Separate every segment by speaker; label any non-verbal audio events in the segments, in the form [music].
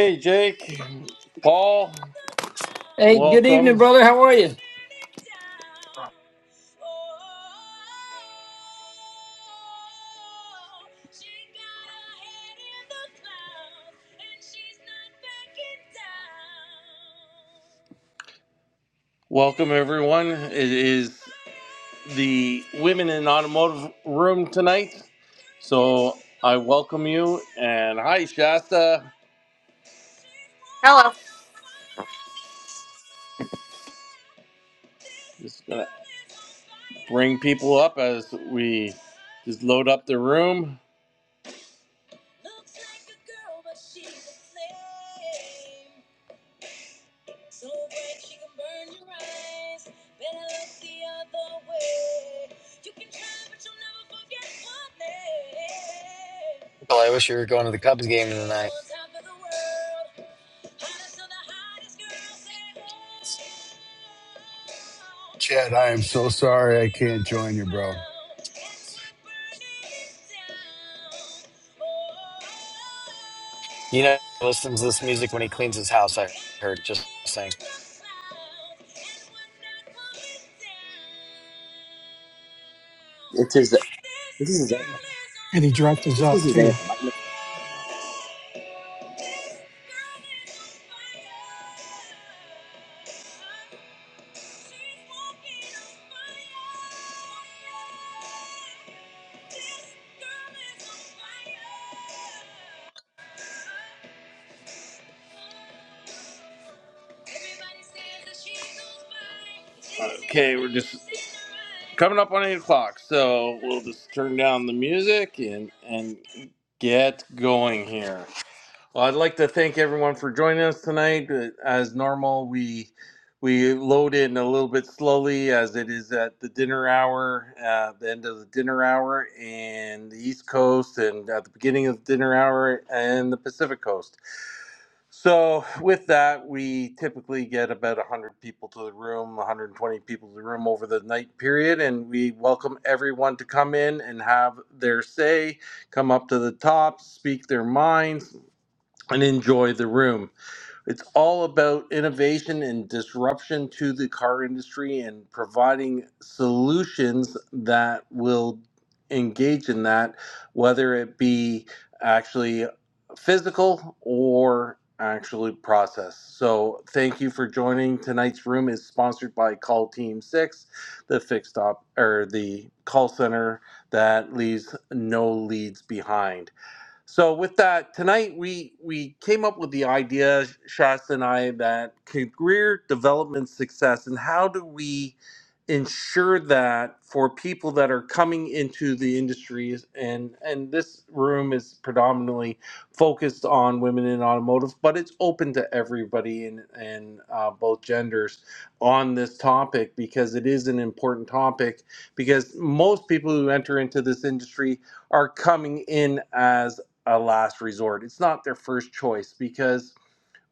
Speaker 1: Hey, Jake, Paul,
Speaker 2: Hey, good evening,
Speaker 1: welcome.
Speaker 2: brother. How are you?
Speaker 1: Welcome, everyone. It is the Women in Automotive Room tonight. So I welcome you. And hi, Shasta.
Speaker 3: Hello.
Speaker 1: Just bring people up as we just load up the room.
Speaker 4: Well, I wish you were going to the Cubs game tonight.
Speaker 5: Chad, I am so sorry I can't join you, bro.
Speaker 4: You know, he listens to this music when he cleans his house. I heard just saying.
Speaker 6: It's his. This is his anthem.
Speaker 7: And he dresses
Speaker 6: This is
Speaker 7: up
Speaker 6: his
Speaker 7: too.
Speaker 6: anthem. I don't know if you knew that or not.
Speaker 1: Coming up on 8 o'clock. So we'll just turn down the music and, and get going here. Well, I'd like to thank everyone for joining us tonight. Uh, As normal, we we load in a little bit slowly as it is at the dinner hour, uh, the end of the dinner hour, and the East Coast, and at the beginning of the dinner hour, and the Pacific Coast. So, with that, we typically get about 100 people to the room, 120 people to the room over the night period, and we welcome everyone to come in and have their say, come up to the top, speak their minds and enjoy the room. It's all about innovation and disruption to the car industry and providing solutions that will engage in that, whether it be actually physical or actually process. So thank you for joining. Tonight's room is sponsored by Call Team 6, the fixed op or the call center that leaves no leads behind. So with that, tonight we we came up with the idea, Shasta and I, that career development success and how do we ensure that for people that are coming into the industries and and this room is predominantly focused on women in automotive, but it's open to everybody in and uh, both genders on this topic because it is an important topic because most people who enter into this industry are coming in as a last resort. It's not their first choice because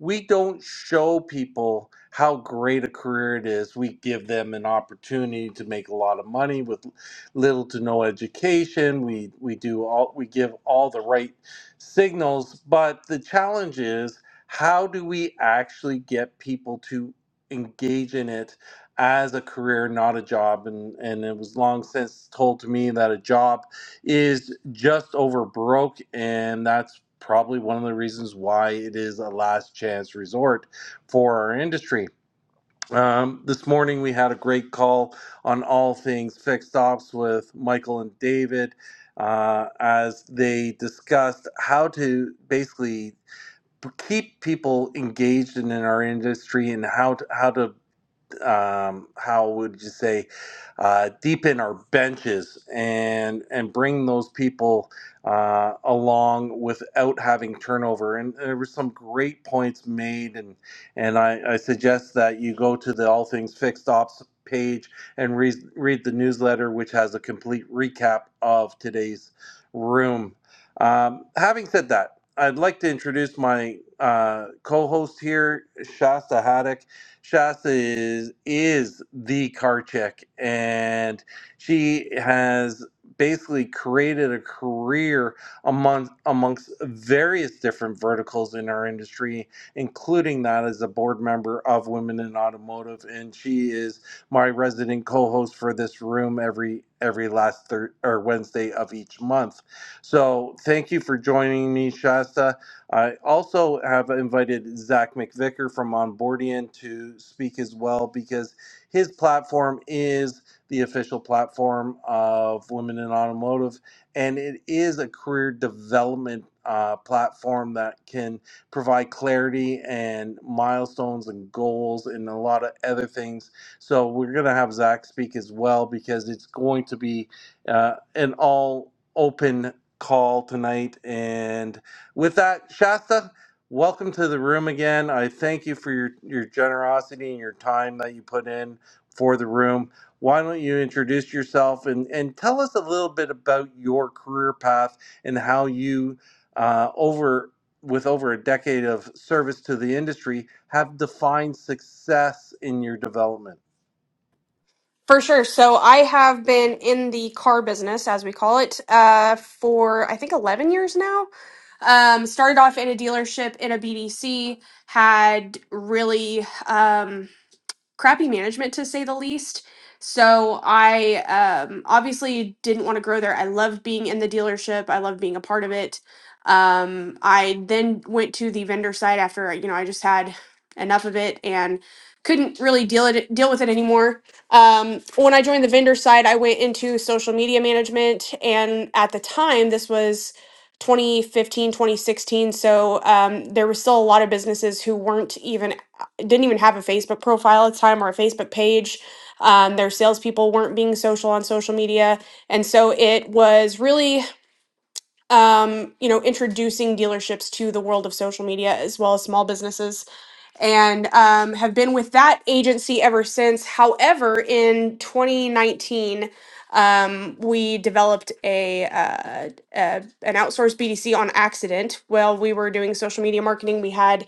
Speaker 1: we don't show people how great a career it is. We give them an opportunity to make a lot of money with little to no education. We we do all we give all the right signals, but the challenge is how do we actually get people to engage in it as a career, not a job? And and it was long since told to me that a job is just over broke, and that's probably one of the reasons why it is a last chance resort for our industry. Um, this morning we had a great call on all things fixed ops with Michael and David uh, as they discussed how to basically keep people engaged in, in our industry and how to, how to um, how would you say uh, deepen our benches and and bring those people uh, along without having turnover. And there were some great points made, and and I, I suggest that you go to the All Things Fixed Ops page and read read the newsletter, which has a complete recap of today's room. Um, having said that, I'd like to introduce my uh, co-host here, Shasta Haddock. Shasta is is the Karchik, and she has basically created a career among amongst various different verticals in our industry, including that as a board member of Women in Automotive, and she is my resident co-host for this room every every last third or Wednesday of each month. So thank you for joining me, Shasta. I also have invited Zach McVicker from Onboardian to speak as well because his platform is the official platform of Women in Automotive, and it is a career development uh, platform that can provide clarity and milestones and goals and a lot of other things. So we're going to have Zach speak as well because it's going to be uh, an all open call tonight and with that, Shasta, welcome to the room again. I thank you for your, your generosity and your time that you put in for the room. Why don't you introduce yourself and, and tell us a little bit about your career path and how you, uh, over with over a decade of service to the industry, have defined success in your development?
Speaker 3: For sure. So I have been in the car business, as we call it, uh, for I think 11 years now. Um, started off in a dealership in a BDC, had really. Um, crappy management to say the least. So I um, obviously didn't want to grow there. I loved being in the dealership. I loved being a part of it. Um, I then went to the vendor side after you know I just had enough of it and couldn't really deal it deal with it anymore. Um, when I joined the vendor side, I went into social media management, and at the time this was 2015, 2016. so um, there were still a lot of businesses who weren't even didn't even have a Facebook profile at the time or a Facebook page. Um, their salespeople weren't being social on social media, and so it was really um, you know introducing dealerships to the world of social media as well as small businesses and um, have been with that agency ever since. However, in 2019, um, we developed a, uh, a an outsourced BDC on accident. While we were doing social media marketing, we had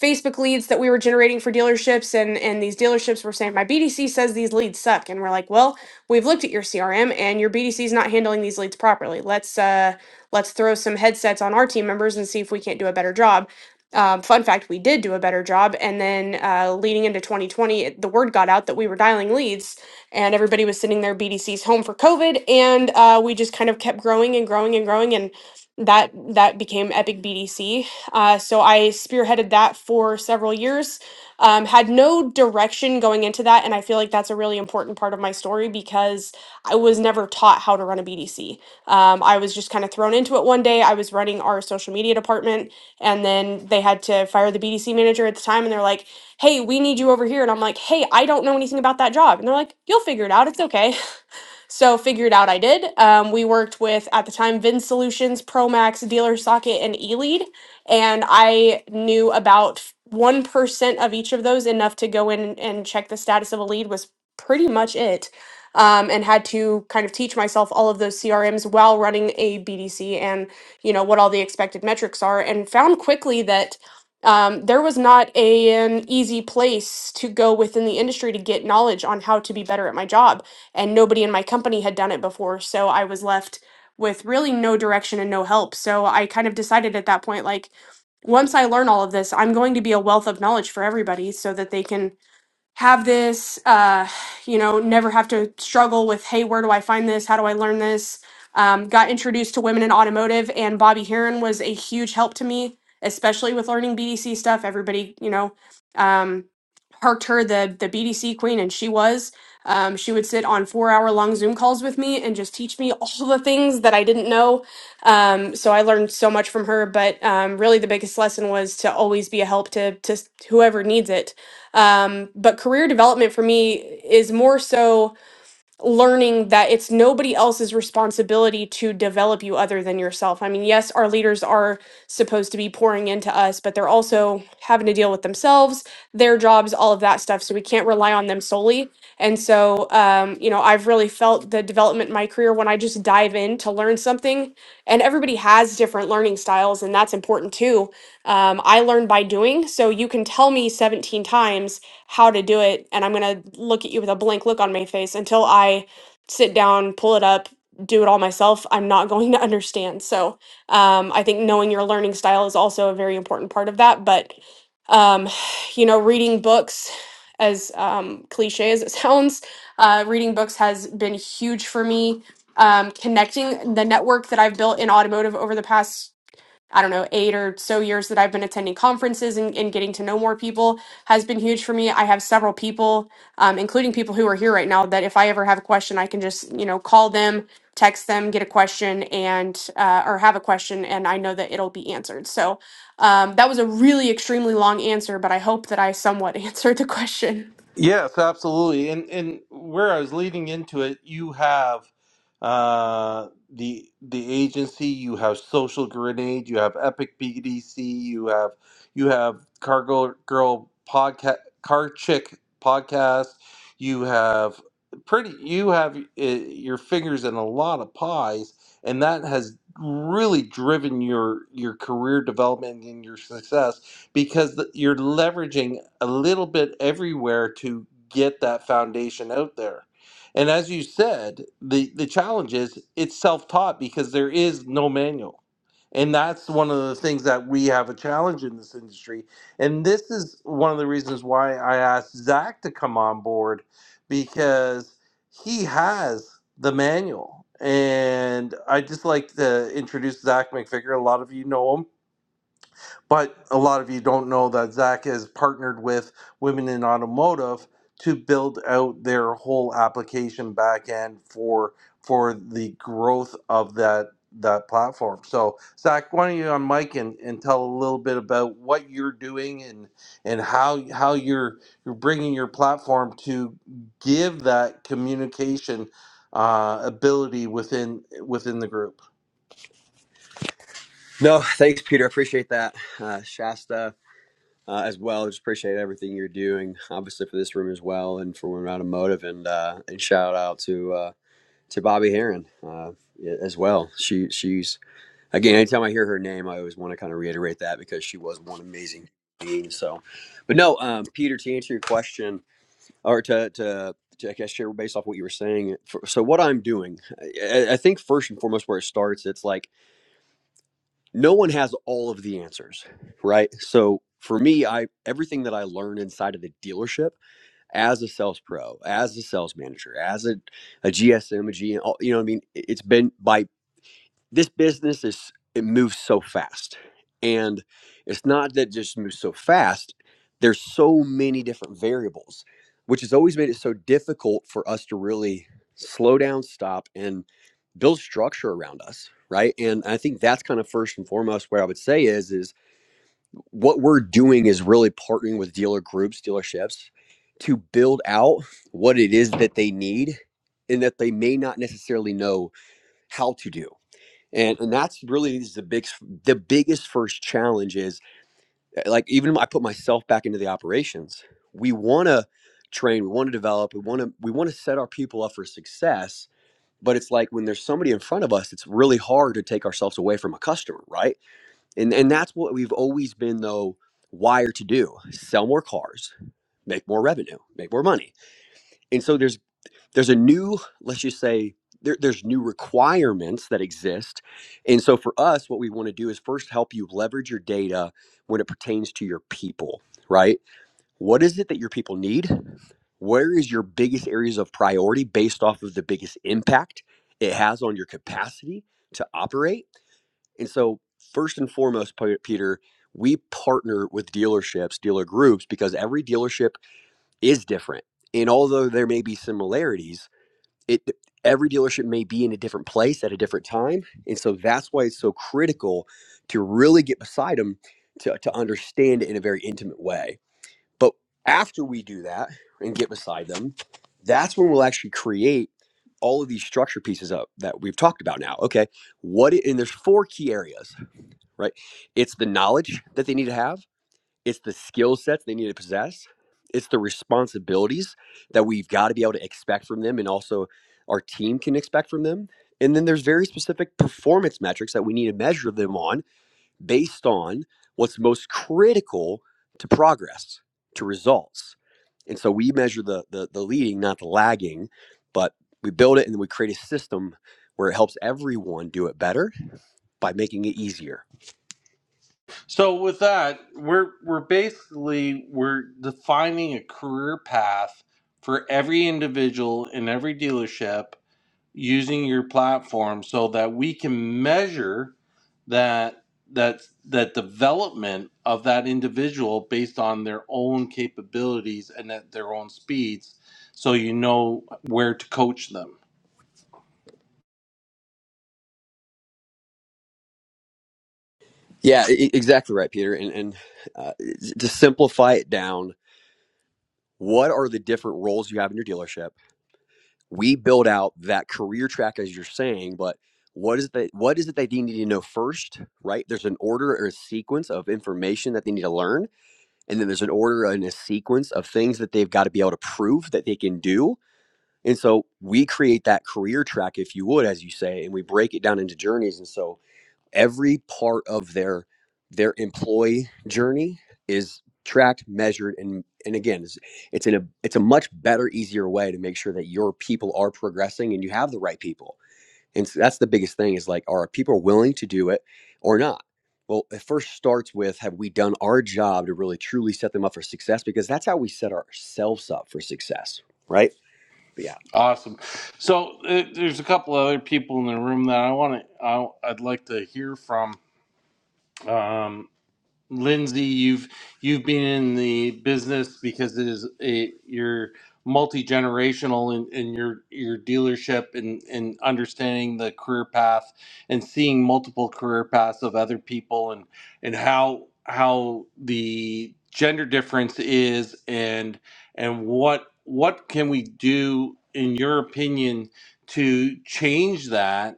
Speaker 3: Facebook leads that we were generating for dealerships, and and these dealerships were saying, "My BDC says these leads suck," and we're like, "Well, we've looked at your CRM, and your BDC is not handling these leads properly. Let's uh, let's throw some headsets on our team members and see if we can't do a better job." Um, fun fact, we did do a better job. And then uh, leading into 2020, it- the word got out that we were dialing leads and everybody was sending their BDCs home for COVID. And uh, we just kind of kept growing and growing and growing. And that that became Epic BDC. Uh, so I spearheaded that for several years. Um, had no direction going into that, and I feel like that's a really important part of my story because I was never taught how to run a BDC. Um, I was just kind of thrown into it one day. I was running our social media department, and then they had to fire the BDC manager at the time and they're like, hey, we need you over here. And I'm like, hey, I don't know anything about that job. And they're like, you'll figure it out. It's okay. [laughs] So figured out I did. Um, we worked with at the time Vin Solutions, Promax, Dealer Socket, and eLead, and I knew about one percent of each of those enough to go in and check the status of a lead was pretty much it. Um, and had to kind of teach myself all of those CRMs while running a BDC and you know what all the expected metrics are, and found quickly that um, there was not a, an easy place to go within the industry to get knowledge on how to be better at my job and nobody in my company had done it before. So I was left with really no direction and no help. So I kind of decided at that point, like, once I learn all of this, I'm going to be a wealth of knowledge for everybody so that they can have this, uh, you know, never have to struggle with, hey, where do I find this? How do I learn this? Um, got introduced to women in automotive, and Bobby Heron was a huge help to me, especially with learning BDC stuff. Everybody, you know, um, harked her the the BDC queen, and she was. Um, she would sit on four hour long Zoom calls with me and just teach me [laughs] all the things that I didn't know. Um, so I learned so much from her. But um, really, the biggest lesson was to always be a help to to whoever needs it um, but career development for me is more so learning that it's nobody else's responsibility to develop you other than yourself. I mean, yes, our leaders are supposed to be pouring into us, but they're also having to deal with themselves, their jobs, all of that stuff. So we can't rely on them solely. And so, um, you know, I've really felt the development in my career when I just dive in to learn something. And everybody has different learning styles, and that's important too um, I learn by doing. So you can tell me 17 times how to do it, and I'm going to look at you with a blank look on my face until I sit down, pull it up, do it all myself. I'm not [laughs] going to understand. So um, I think knowing your learning style is also a very important part of that. But, um, [sighs] you know, reading books, as um, cliche as it [laughs] sounds, uh, reading books has been huge for me. Um, connecting the network that I've built in automotive over the past I don't know, eight or so years that I've been attending conferences and, and getting to know more people has been huge for me. I have several people, um, including people who are here right now, that if I ever have a question, I can just, you know, call them, text them, get a question, and, uh, or have a question, and I know that it'll be answered. So um, that was a really extremely long answer, but I hope that I somewhat [laughs] answered the question.
Speaker 1: Yes, absolutely. And and where I was leading into it, you have uh the the agency, you have Social Grenade, you have Epic BDC, you have you have Cargo Girl podcast Car Chick podcast, you have pretty you have uh, your fingers in a lot of pies and that has really driven your your career development and your success because th- you're leveraging a little bit everywhere to get that foundation out there. And as you said, the the challenge is it's self-taught because there is no manual. And that's one of the things that we have a challenge in this industry. And this is one of the reasons why I asked Zach to come on board because he has the manual. And I just like to introduce Zach McVicker. A lot of you know him but a lot of you don't know that Zach has partnered with Women in Automotive to build out their whole application backend for for the growth of that that platform. So Zach, why don't you on mic and, and tell a little bit about what you're doing and and how how you're you're bringing your platform to give that communication uh, ability within within the group.
Speaker 6: No, thanks, Peter. I appreciate that, uh, Shasta, uh, as well. Just appreciate everything you're doing, obviously for this room as well, and for Women Automotive, and uh, and shout out to uh, to Bobby Heron uh, as well. She she's again. Anytime I hear her name, I always want to kind of reiterate that because she was one amazing being. So, but no, um, Peter, to answer your question. or to to to I guess share based off what you were saying. For, so what I'm doing, I, I think first and foremost where it starts, it's like no one has all of the answers, right? So for me, I everything that I learn inside of the dealership as a sales pro, as a sales manager, as a, a GSM, a G M, all- you know, what I mean, it's been by this business is it moves so fast and it's not that it just moves so fast there's so many different variables which has always made it so difficult for us to really slow down stop and build structure around us right and i think that's kind of first and foremost what i would say is is what we're doing is really partnering with dealer groups dealerships to build out what it is that they need and that they may not necessarily know how to do and and that's really is the big the biggest first challenge is uh, like even if I put myself back into the operations. We want to train, we want to develop, we want to we want to set our people up for success. But it's like when there's somebody in front of us, it's really hard to take ourselves away from a customer, right? And and that's what we've always been though wired to do: sell more cars, make more revenue, make more money. And so there's there's a new let's just say there, there's new requirements that exist and so for us what we want to do is first help you leverage your data when it pertains to your people right what is it that your people need where is your biggest areas of priority based off of the biggest impact it has on your capacity to operate and so first and foremost peter we partner with dealerships dealer groups because every dealership is different and although there may be similarities it every dealership may be in a different place at a different time and so that's why it's so critical to really get beside them to, to understand it in a very intimate way but after we do that and get beside them that's when we'll actually create all of these structure pieces up that we've talked about now okay what i- and there's four key areas right it's the knowledge that they need to have it's the skill sets they need to possess it's the responsibilities that we've got to be able to expect from them and also our team can expect from them and then there's very specific performance metrics that we need to measure them on based on what's most critical to progress to results and so we measure the the, the leading not the lagging but we build it and then we create a system where it helps everyone do it better by making it easier
Speaker 1: So with that, we're we're basically we're defining a career path for every individual in every dealership using your platform so that we can measure that that that development of that individual based on their own capabilities and at their own speeds so you know where to coach them.
Speaker 6: Yeah, e- e- exactly right, Peter. And and uh, to simplify it down, what are the different roles you have in your dealership? We build out that career track as you're saying, but what is the what is it that they need to know first, right? There's an order or a sequence of information that they need to learn, and then there's an order and a sequence of things that they've got to be able to prove that they can do. And so we create that career track, if you would, as you say, and we break it down into journeys. And so every part of their their employee journey is tracked measured and and again it's, it's in a it's a much better easier way to make sure that your people are progressing and you have the right people and so that's the biggest thing is like are people willing to do it or not well it first starts with have we done our job to really truly set them up for success because that's how we set ourselves up for success right but yeah
Speaker 1: Awesome. So uh, there's a couple other people in the room that I want to I, I'd like to hear from Um, Lindsay, you've you've been in the business because it is a you're multi generational in, in your your dealership and and understanding the career path and seeing multiple career paths of other people and and how how the gender difference is and and what what can we do in your opinion to change that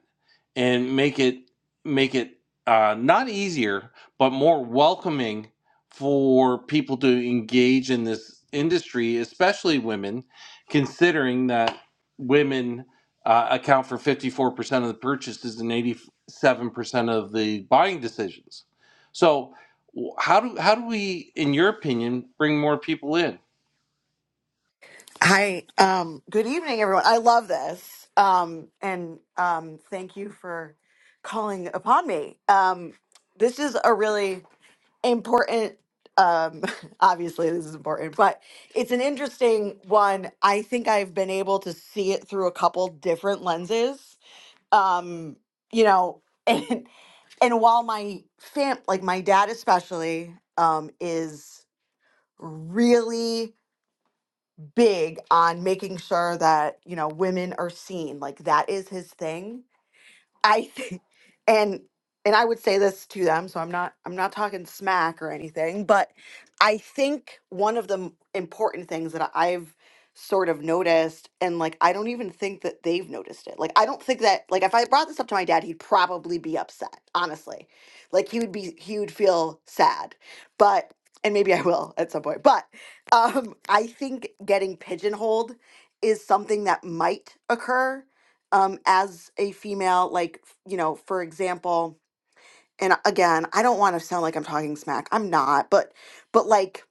Speaker 1: and make it make it uh, not easier but more welcoming for people to engage in this industry especially women considering that women uh, account for 54% of the purchases and 87% of the buying decisions so how do how do we in your opinion bring more people in
Speaker 8: Hi. Um, good evening, everyone. I love this. Um, and um, thank you for calling upon me. Um, this is a really important, um, [laughs] obviously, this is important, but it's an interesting one. I think I've been able to see it through a couple different lenses. Um, you know, [laughs] and and while my fam like my dad especially um is really big on making sure that you know women are seen like that is his thing I think, and and I would say this to them, so I'm not I'm not talking smack or anything, but I think one of the m- important things that I've sort of noticed, and like I don't even think that they've noticed it. Like I don't think that like if I brought this up to my dad, he'd probably be upset, honestly. Like he would be he would feel sad, but and maybe I will at some point, but um, I think getting pigeonholed is something that might occur um as a female like f- you know for example and again i don't want to sound like i'm talking smack i'm not but but like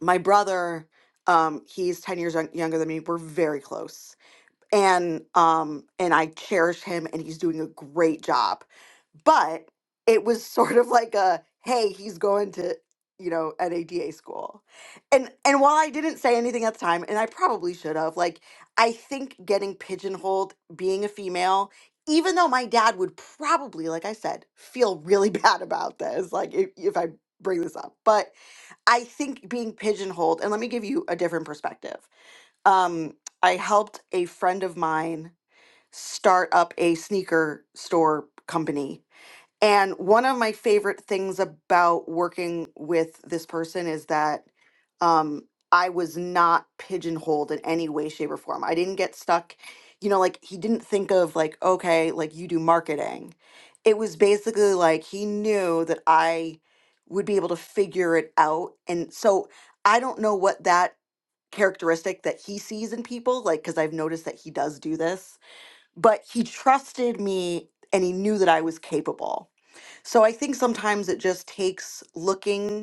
Speaker 8: my brother um he's 10 years young, younger than me we're very close and um and i cherish him and he's doing a great job but it was sort of like a hey, he's going to you know an ADA school, and and while I didn't say anything at the time, and I probably should have, like I think getting pigeonholed being a female. Even though my dad would probably, like I said, feel really [laughs] bad about this, like if, if I bring this up, but I think being pigeonholed, and let me give you a different perspective. Um, I helped a friend of mine start up a sneaker store company and one of my favorite things about working with this person is that um, I was not pigeonholed in any way, shape, or form. I didn't get stuck, you know, like he didn't think of like, okay, like you do marketing. It was basically like he knew that I would be able to figure it out. And so I don't know what that characteristic that he sees in people, like, because I've noticed that he does do this, but he trusted me and he knew that I was capable so I think sometimes it just takes looking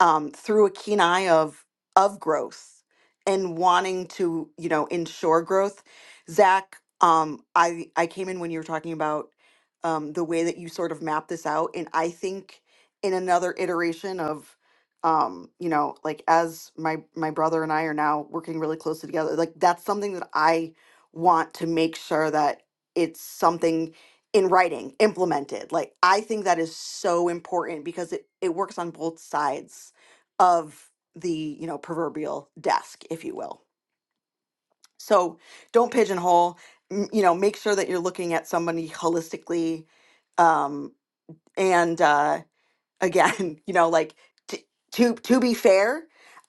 Speaker 8: um, through a keen eye of of growth and wanting to you know ensure growth zach um, i i came in when you were talking about um, the way that you sort of map this out and i think in another iteration of um, you know like as my my brother and i are now working really closely together like that's something that i want to make sure that it's something in writing implemented like i think that is so important because it it works on both sides of the you know proverbial desk if you will so don't pigeonhole m- you know make sure that you're looking at somebody holistically um and uh [laughs] again you know like t- to to be fair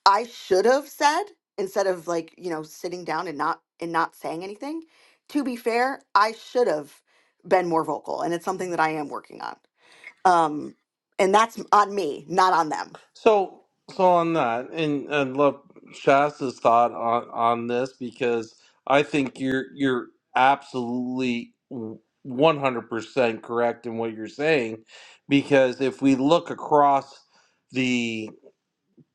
Speaker 8: i should have said instead of like you know sitting down and not and not saying anything to be fair i should have been more vocal and it's something that i am working on um and that's on me not on them
Speaker 1: So, so on that, and I love Shasta's thought on on this because I think you're you're absolutely one hundred percent correct in what you're saying, because if we look across the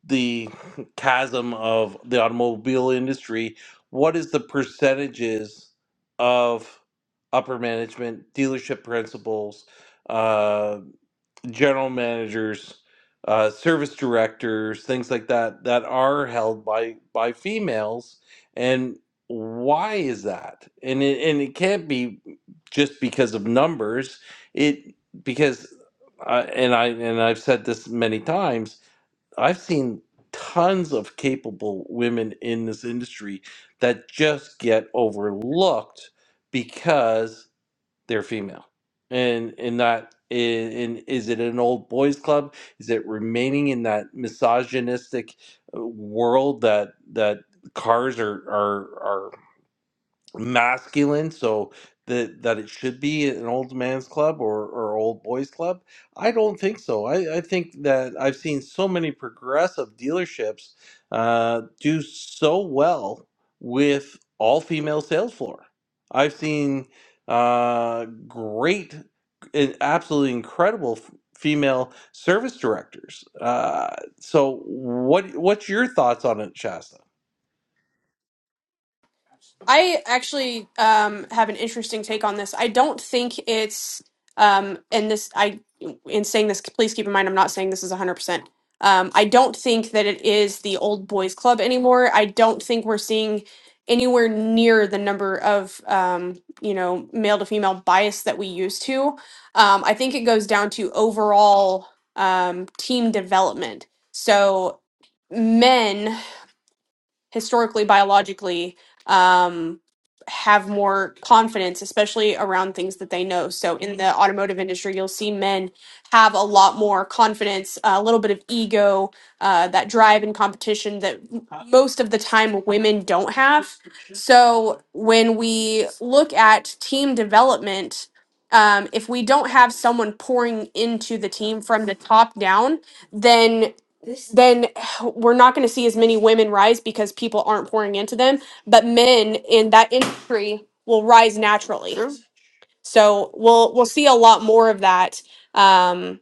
Speaker 1: the chasm of the automobile industry, what is the percentages of upper management, dealership principals? uh, general managers, uh, service directors, things like that that are held by by females. And why is that? And it, and it can't be just because of numbers. It because uh, and I and I've said this many times. I've seen tons of capable women in this industry that just get overlooked because they're female and in that in and is it an old boys club is it remaining in that misogynistic uh, world that that cars are are masculine so that that it should be an old man's club or or old boys club i don't think so i i think that i've seen so many progressive dealerships uh do so well with all female sales floor i've seen uh great and absolutely incredible f- female service directors uh so what what's your thoughts on it shasta
Speaker 3: I actually um, have an interesting take on this. I don't think it's, um, and this, I, in saying this, please keep in mind, I'm not saying this is 100%. Um, I don't think that it is the old boys club anymore. I don't think we're seeing anywhere near the number of, um, you know, male to female bias that we used to. Um, I think it goes down to overall um, team development. So, men historically, biologically, um, have more confidence, especially around things that they know. So, in the automotive industry, you'll see men have a lot more confidence, a little bit of ego, uh, that drive and competition that most of the time women don't have. So, when we look at team development, um, if we don't have someone pouring into the team from the top down, then then we're not going to see as many women rise because people aren't pouring into them but men in that industry will rise naturally
Speaker 8: true
Speaker 3: so we'll we'll see a lot more of that Um,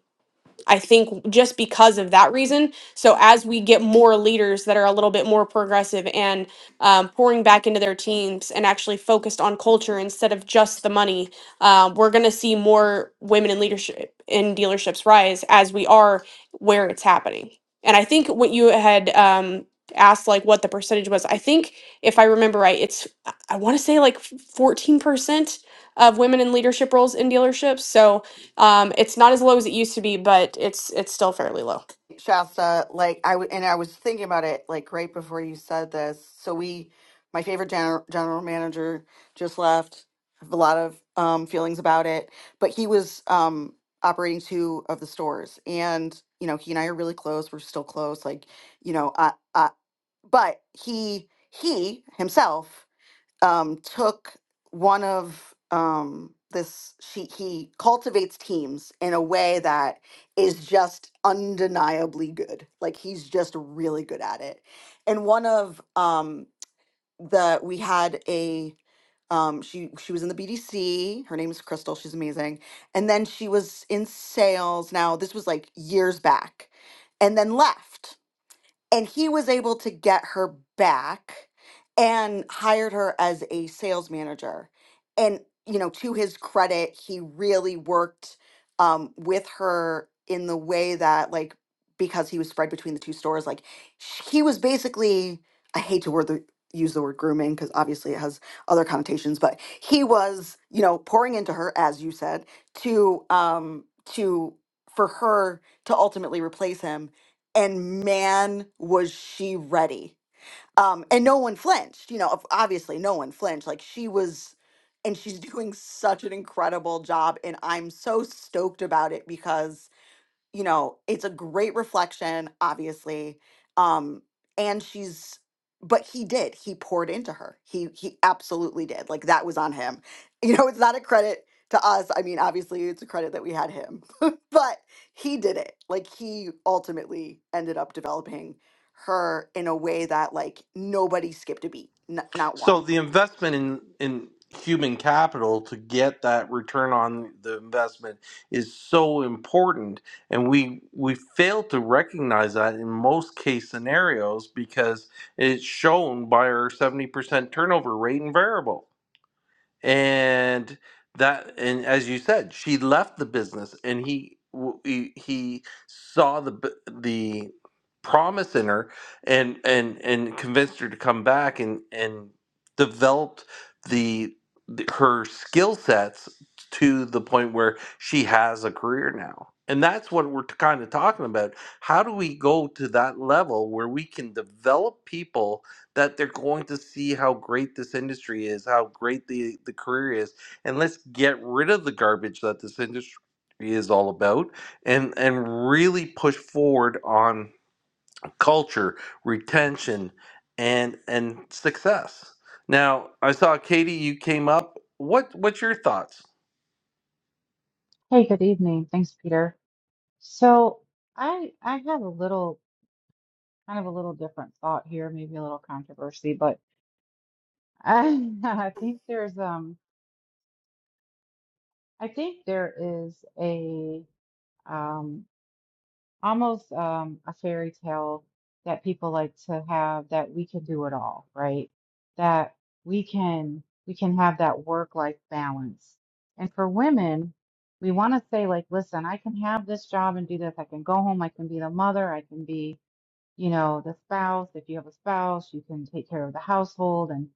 Speaker 3: I think just because of that reason. So as we get more leaders that are a little bit more progressive and um, pouring back into their teams and actually focused on culture instead of just the money, um, we're going to see more women in leadership in dealerships rise as we are where it's happening. And I think what you had um, asked, like what the percentage was, I think if I remember right, it's I want to say like fourteen percent of women in leadership roles in dealerships. So um, it's not as low as it used to be, but it's it's still fairly low.
Speaker 8: Shasta, like I w- and I was thinking about it like right before you said this. So we, my favorite general general manager just left. Have a lot of um, feelings about it, but he was um, operating two of the stores, and you know he and I are really close. We're still close, like you know. I, I, but he he himself um, took one of um, this she he cultivates teams in a way that is just undeniably good. Like he's just really good at it. And one of um, the we had a um, she she was in the BDC. Her name is Crystal. She's amazing. And then she was in sales. Now this was like years back, and then left and he was able to get her back and hired her as a sales manager and you know to his credit he really worked um, with her in the way that like because he was spread between the two stores like sh- he was basically i hate to word the, use the word grooming because obviously it has other connotations but he was you know pouring into her as you said to um to for her to ultimately replace him and man was she ready um and no one flinched you know ob- obviously no one flinched like she was and she's [laughs] doing such an incredible job and i'm so stoked about it because you know, it's a great reflection, obviously. Um, and she's but he did. He poured into her. He he absolutely did. Like that was on him. [laughs] You know, it's not a credit to us. I mean, obviously it's a credit that we had him. [laughs] but he did it. Like he ultimately ended up developing her in a way that like nobody skipped a beat. N- not one.
Speaker 1: so the investment in in human capital to get that return on the investment is so important and we we fail to recognize that in most case scenarios because it's shown by our 70% turnover rate in variable and that and as you said she left the business and he w- he, he saw the b- the promise in her and and and convinced her to come back and and developed the, the her skill sets to the point where she has a career now and that's what we're kind of talking about how do we go to that level where we can develop people that they're going to see how great this industry is, how great the, the career is, and let's get rid of the garbage that this industry is all about and and really push forward on culture, retention, and and success. Now, I saw Katie, you came up. What what's your thoughts?
Speaker 9: Hey, good evening. Thanks, Peter. So I I have a little kind of a little different thought here, maybe a little controversy, but I [laughs] I think there's um I think there is a um almost um a fairy tale that people like to have that we can do it all, right? That we can we can have that work-life balance. And for women, we want to say like, listen, I can have this job and do this. I can go home, I can be the mother, I can be you know, the spouse, if you have a spouse, you can take care of the household and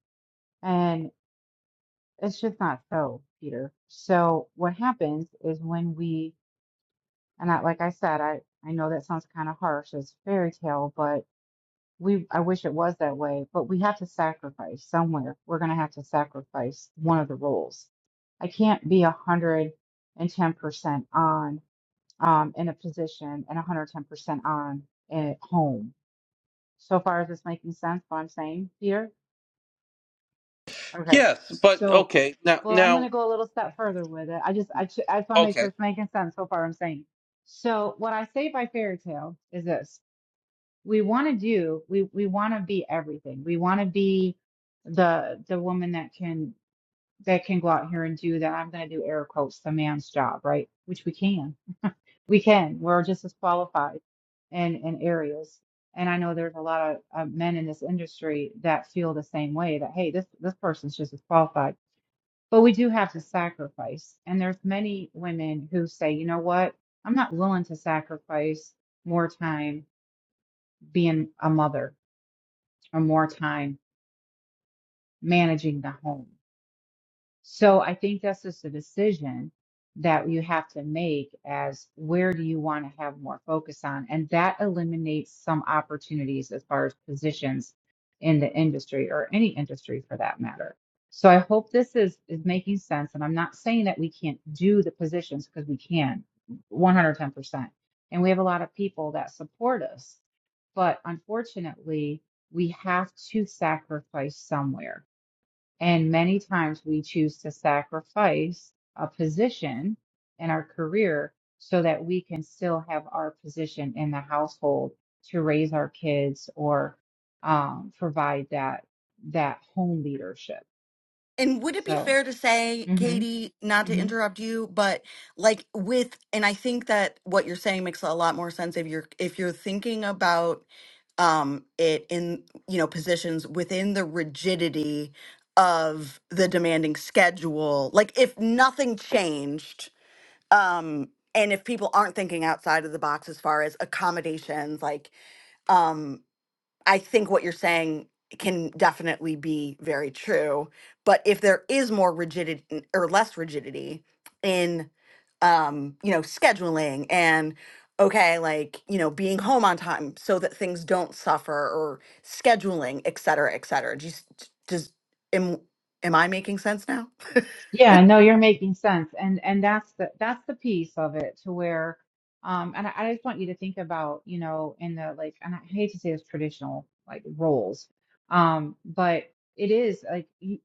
Speaker 9: and it's just not so, Peter. So what happens is when we and I, like I said, I I know that sounds kind of harsh as fairy tale, but we I wish it was that way, but we have to sacrifice somewhere. We're going to have to sacrifice one of the roles. I can't be a 110% on um in a position and a 110% on at home. So far, is this making sense what I'm saying, Peter? Okay.
Speaker 1: Yes, but
Speaker 9: So,
Speaker 1: okay. Now
Speaker 9: well, I'm going
Speaker 1: now
Speaker 9: to go a little step further with it. I just, I, ch- I just want to make sure
Speaker 1: okay.
Speaker 9: it's making sense so far. I'm saying. So, what I say by fairy tale is this: we want to do, we we want to be everything. We want to be the the woman that can that can go out here and do that. I'm going to do air quotes the man's job, right? Which we can, we can. We're just as qualified in in areas. And I know there's a lot of uh, men in this industry that feel the same way that, hey, this this person's just as qualified but we do have to sacrifice. And there's many women who say, you know what? I'm not willing to sacrifice more time being a mother or more time managing the home. So I think that's just a decision that you have to make as where do you want to have more focus on? And that eliminates some opportunities as far as positions in the industry or any industry for that matter. So I hope this is is making sense. And I'm not saying that we can't do the positions because we can 110%. And we have a lot of people that support us. But unfortunately, we have to sacrifice somewhere and many times we choose to sacrifice a position in our career so that we can still have our position in the household to raise our kids or um, provide that that home leadership.
Speaker 8: And would it be
Speaker 9: So,
Speaker 8: fair to say,
Speaker 9: mhm,
Speaker 8: Katie, not to interrupt you, but like with, and I think that what you're saying makes a lot more sense if you're if you're thinking about um it in you know positions within the rigidity of the demanding schedule. Like if nothing changed, um, and if people aren't thinking outside of the box as far as accommodations, like um I think what you're saying can definitely be very true. But if there is more rigidity or less rigidity in, um, you know, scheduling and okay, like you know, being home on time so that things don't suffer or scheduling, et cetera, et cetera. Do you, s- d- does am am I making sense now?
Speaker 9: Yeah, no, you're making sense. And and that's the that's the piece of it to where um and I, I just want you to think about, you know, in the like and I hate to say this traditional like roles. Um, but it is like you,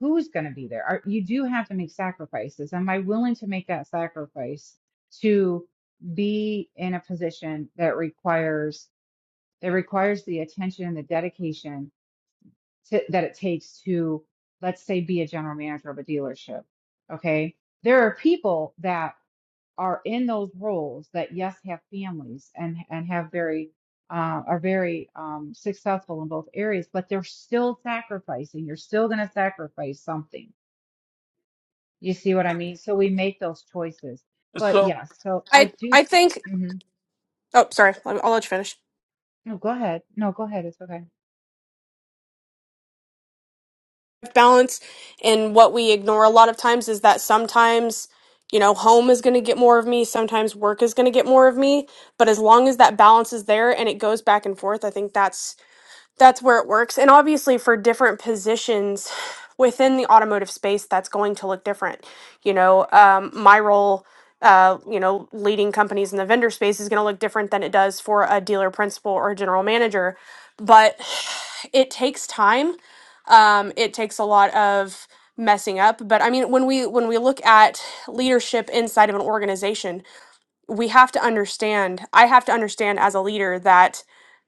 Speaker 9: who's going to be there? Are, you do have to make sacrifices. Am I willing to make that sacrifice to be in a position that requires that requires the attention and the dedication to, that it takes to, let's say, be a general manager of a dealership. Okay. There are people that are in those roles that, yes, have families and, and have very, uh, are very um, successful in both areas, but they're still sacrificing. You're still going to sacrifice something. You see what I mean? So we make those choices. But
Speaker 1: So
Speaker 9: yes, so I
Speaker 3: I
Speaker 9: do.
Speaker 3: I think.
Speaker 9: mhm.
Speaker 3: Oh, sorry. I'll I'll let you finish.
Speaker 9: No, go ahead. No, go ahead. It's okay.
Speaker 3: Balance and what we ignore a lot of times is that sometimes you know home is going to get more of me, sometimes work is going to get more of me. But as long as that balance is there and it goes back and forth, I think that's that's where it works. And obviously, for different positions within the automotive space, that's going to look different. You know, um, my role, uh, you know, leading companies in the vendor space is going to look different than it does for a dealer principal or a general manager. But [sighs] it takes time. Um, it takes a lot of messing up. But I mean, when we when we look at leadership inside of an organization, we have to understand i have to understand as a leader that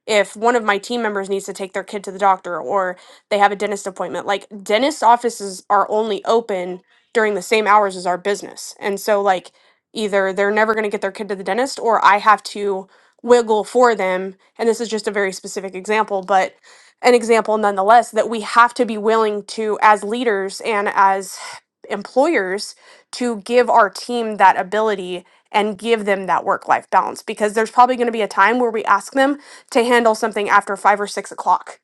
Speaker 3: if one of my team members needs to take their kid to the doctor or they have a dentist appointment like dentist offices are only open during the same hours as our business and so like either they're never going to get their kid to the dentist or i have to wiggle for them and this is just a very specific example but an example nonetheless that we have to be willing to as leaders and as employers to give our team that ability and give them that work life balance because there's probably going to be a time where we ask them to handle something after five or six o'clock.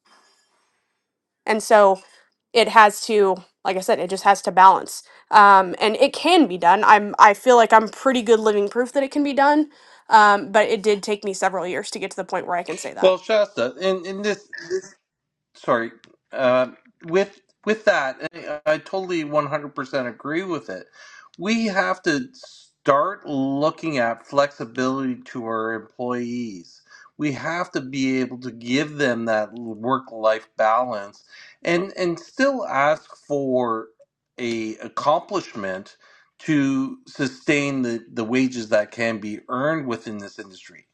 Speaker 3: And so it has to, like I said, it just has to balance. Um, and it can be done. I'm, I feel like I'm pretty good living proof that it can be done. Um, but it did take me several years to get to the point where I can say that.
Speaker 1: well Shasta, and, and this sorry. Uh, with with that, I, I totally one hundred percent agree with it. We have to start looking at flexibility to our employees. We have to be able to give them that work life balance, and and still ask for a accomplishment to sustain the the wages that can be earned within this industry.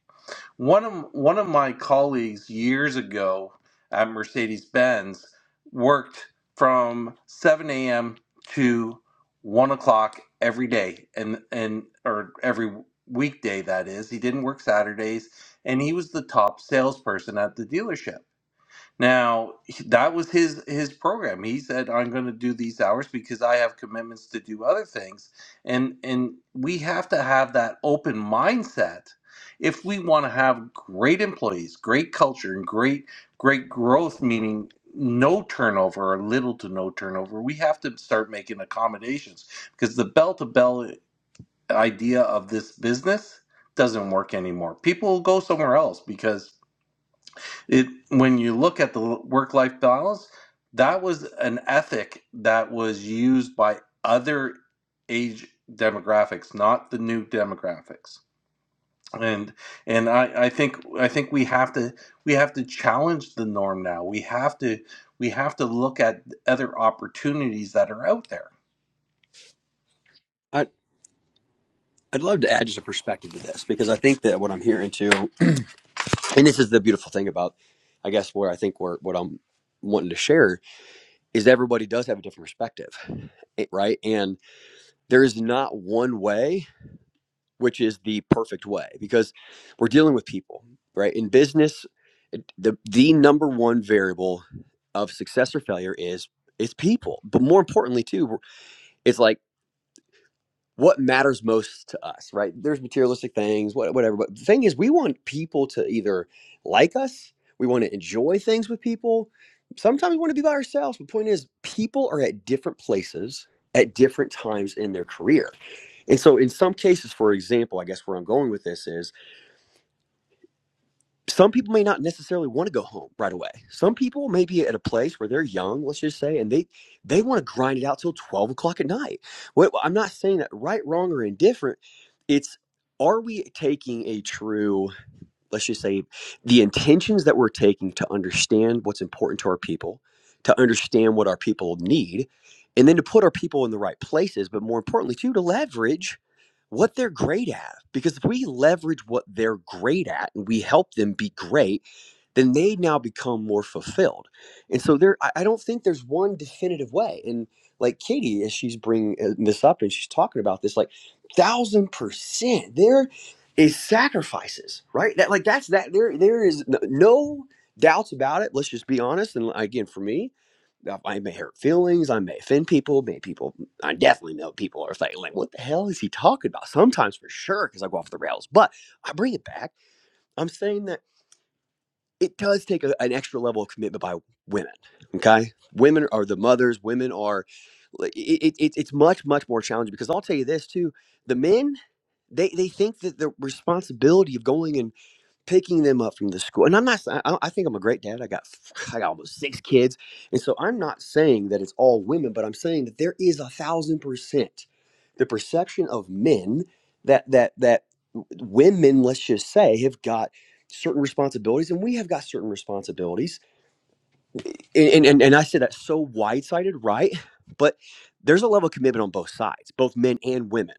Speaker 1: One of one of my colleagues years ago at Mercedes Benz worked from 7 a.m. to one o'clock every day, and and or every weekday that is. He didn't work Saturdays, and he was the top salesperson at the dealership now, that was his his program. He said, "I'm going to do these hours because I have commitments to do other things." And and we have to have that open mindset if we want to have great employees, great culture, and great great growth, meaning no turnover or little to no turnover. We have to start making accommodations because the bell to bell idea of this business doesn't work anymore. People will go somewhere else because it when you look at the work life balance that was an ethic that was used by other age demographics not the new demographics and and I, I think I think we have to we have to challenge the norm now we have to we have to look at other opportunities that are out there
Speaker 6: I, i'd love to add just a perspective to this because i think that what i'm hearing too and this is the beautiful thing about i guess where i think where what i'm wanting to share is everybody does have a different perspective eh, right and there is not one way which is the perfect way because we're dealing with people right in business the the number one variable of success or failure is is people but more importantly too it's like what matters most to us, right? There's materialistic things, what- whatever. But the thing is, we want people to either like us, we want to enjoy things with people. Sometimes we want to be by ourselves. But The point is, people are at different places at different times in their career. And so, in some cases, for example, I guess where I'm going with this is some people may not necessarily want to go home right away. Some people may be at a place where they're young, let's just say, and they they want to grind it out till twelve o'clock at night. Well, I'm not saying that right, wrong, or indifferent. It's are we taking a true let's just say the intentions that we're taking to understand what's important to our people to understand what our people need and then to put our people in the right places but more importantly too to leverage what they're great at because if we leverage what they're great at and we help them be great then they now become more fulfilled. And so there, I I don't think there's one definitive way. And like Katie, as she's bringing uh, this up and she's talking about this, like thousand percent, there is sacrifices, right? That like that's that there there is n- no doubts about it. Let's just be honest. And like, again, for me, uh, I may hurt feelings. I may offend people. May people, mm, I definitely know people are saying, like, what the hell is he talking about? Sometimes for sure, because I go off the rails. But I bring it back. I'm saying that it does take a, an extra level of commitment by women. Okay, women are the mothers. Women are. like, It, it, it- it's much much more challenging because I'll tell you this too: the men they they think that the responsibility of going and picking them up from the school and i'm not s- i, am not I think i'm a great dad i got [sighs] I got almost six kids and so i'm not saying that it's all women but i'm saying that there is a thousand percent the perception of men that that that women let's just say have got certain responsibilities and we have got certain responsibilities and and, and and i said that so wide-sided right but there's a level of commitment on both sides both men and women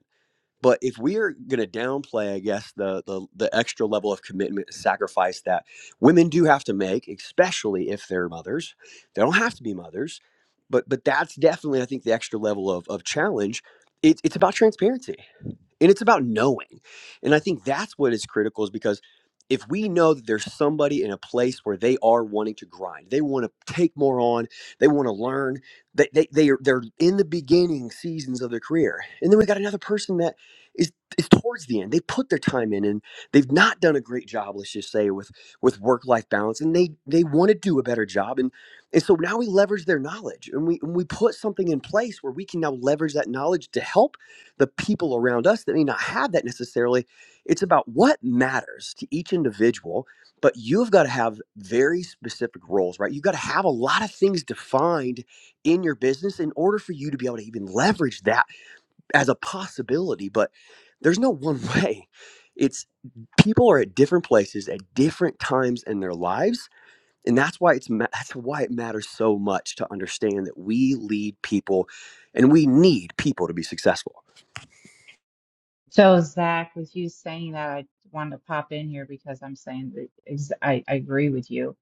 Speaker 6: but if we're going to downplay, I guess, the, the the extra level of commitment and sacrifice that women do have to make, especially if they're mothers, they don't have to be mothers, but but that's definitely, I think, the extra level of of challenge. It, it's about transparency and it's about knowing and i think that's what is critical is because if we know that there's somebody in a place where they are wanting to grind they want to take more on they want to learn they, they, they are, they're in the beginning seasons of their career and then we got another person that is is towards the end they put their time in and they've not done a great job let's just say with with work life balance and they they want to do a better job and and so now we leverage their knowledge and we and we put something in place where we can now leverage that knowledge to help the people around us that may not have that necessarily. It's about what matters to each individual, but you've got to have very specific roles, right? You've got to have a lot of things defined in your business in order for you to be able to even leverage that as a possibility. But there's no one [laughs] way. It's people are at different places at different times in their lives. And that's why it's ma- that's why it matters so much to understand that we lead people and we need people to be successful.
Speaker 9: So, Zach, with you saying that, I wanted to pop in here because I'm saying that ex I, I agree with you.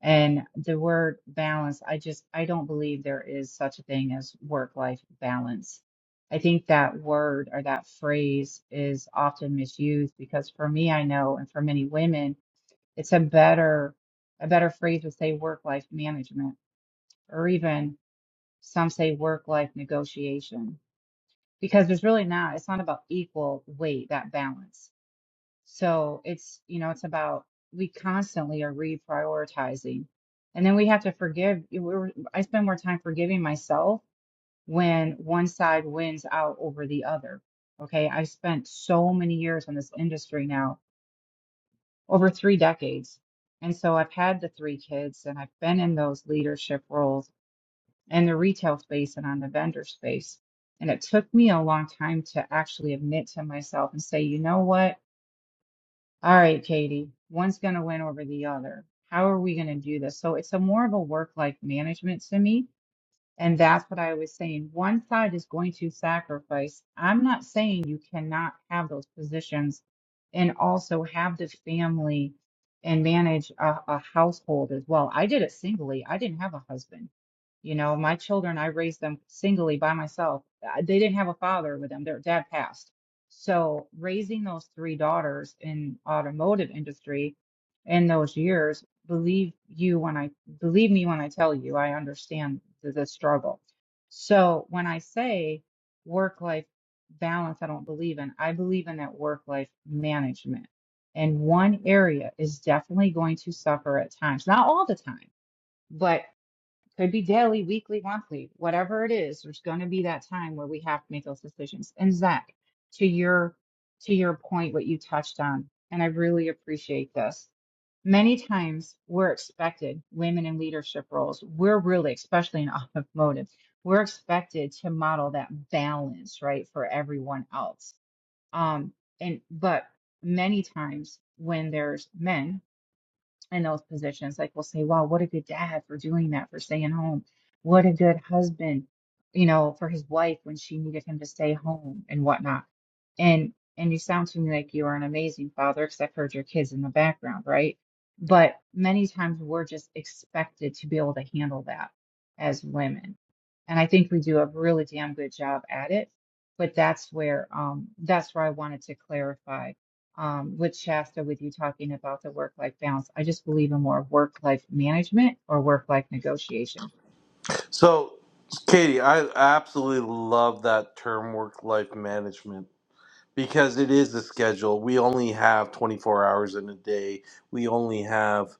Speaker 9: And the word balance, I just, I don't believe there is such a thing as work-life balance. I think that word or that phrase is often misused because for me, I know, and for many women, it's a better, a better phrase would say work-life management, or even some say work-life negotiation, because there's really not, it's not about equal weight, that balance so it's, you know, it's about we constantly are reprioritizing. And then we have to forgive. you- We're, I spend more time forgiving myself when one side wins out over the other. Okay. I've spent so many years in this industry now, over three decades. And so I've had the three kids and I've been in those leadership roles in the retail space and on the vendor space. And it took me a long time to actually admit to myself and say, you know what? All right, Katie, one's going to win over the other. How are we going to do this? So it's a more of a work-life management to me. And that's what I was saying. One side is going to sacrifice. I'm not saying you cannot have those positions and also have the family and manage a, a household as well. I did it singly. I didn't have a husband. You know, my children, I raised them singly by myself. Uh, They didn't have a father with them. Their dad passed. So raising those three daughters in automotive industry in those years, believe you when I believe me when I tell you, I understand the, the struggle. So when I say work life balance, I don't believe in, I believe in that work life management. And one area is definitely going to suffer at times, not all the time, but. Could be daily, weekly, monthly, whatever it is, there's going to be that time where we have to make those decisions. And Zach, to your to your point, what you touched on, and I really appreciate this. Many times we're expected, women in leadership roles, we're really, especially in [laughs] automotive, we're expected to model that balance, right, for everyone else. Um, and but many times when there's men in those positions. Like we'll say, wow, what a good dad for doing that, for staying home. What a good husband, you know, for his wife when she needed him to stay home and whatnot. And and you sound to me like you are an amazing father, because I've heard your kids in the background, right? But many times we're just expected to be able to handle that as women. And I think we do a really damn good job at it. But that's where um that's where I wanted to clarify um, with Shasta with you talking about the work-life balance. I just believe in more work-life management or work-life negotiation.
Speaker 1: so Katie I absolutely love that term work life management because it is a schedule. We only have 24 hours in a day. We only have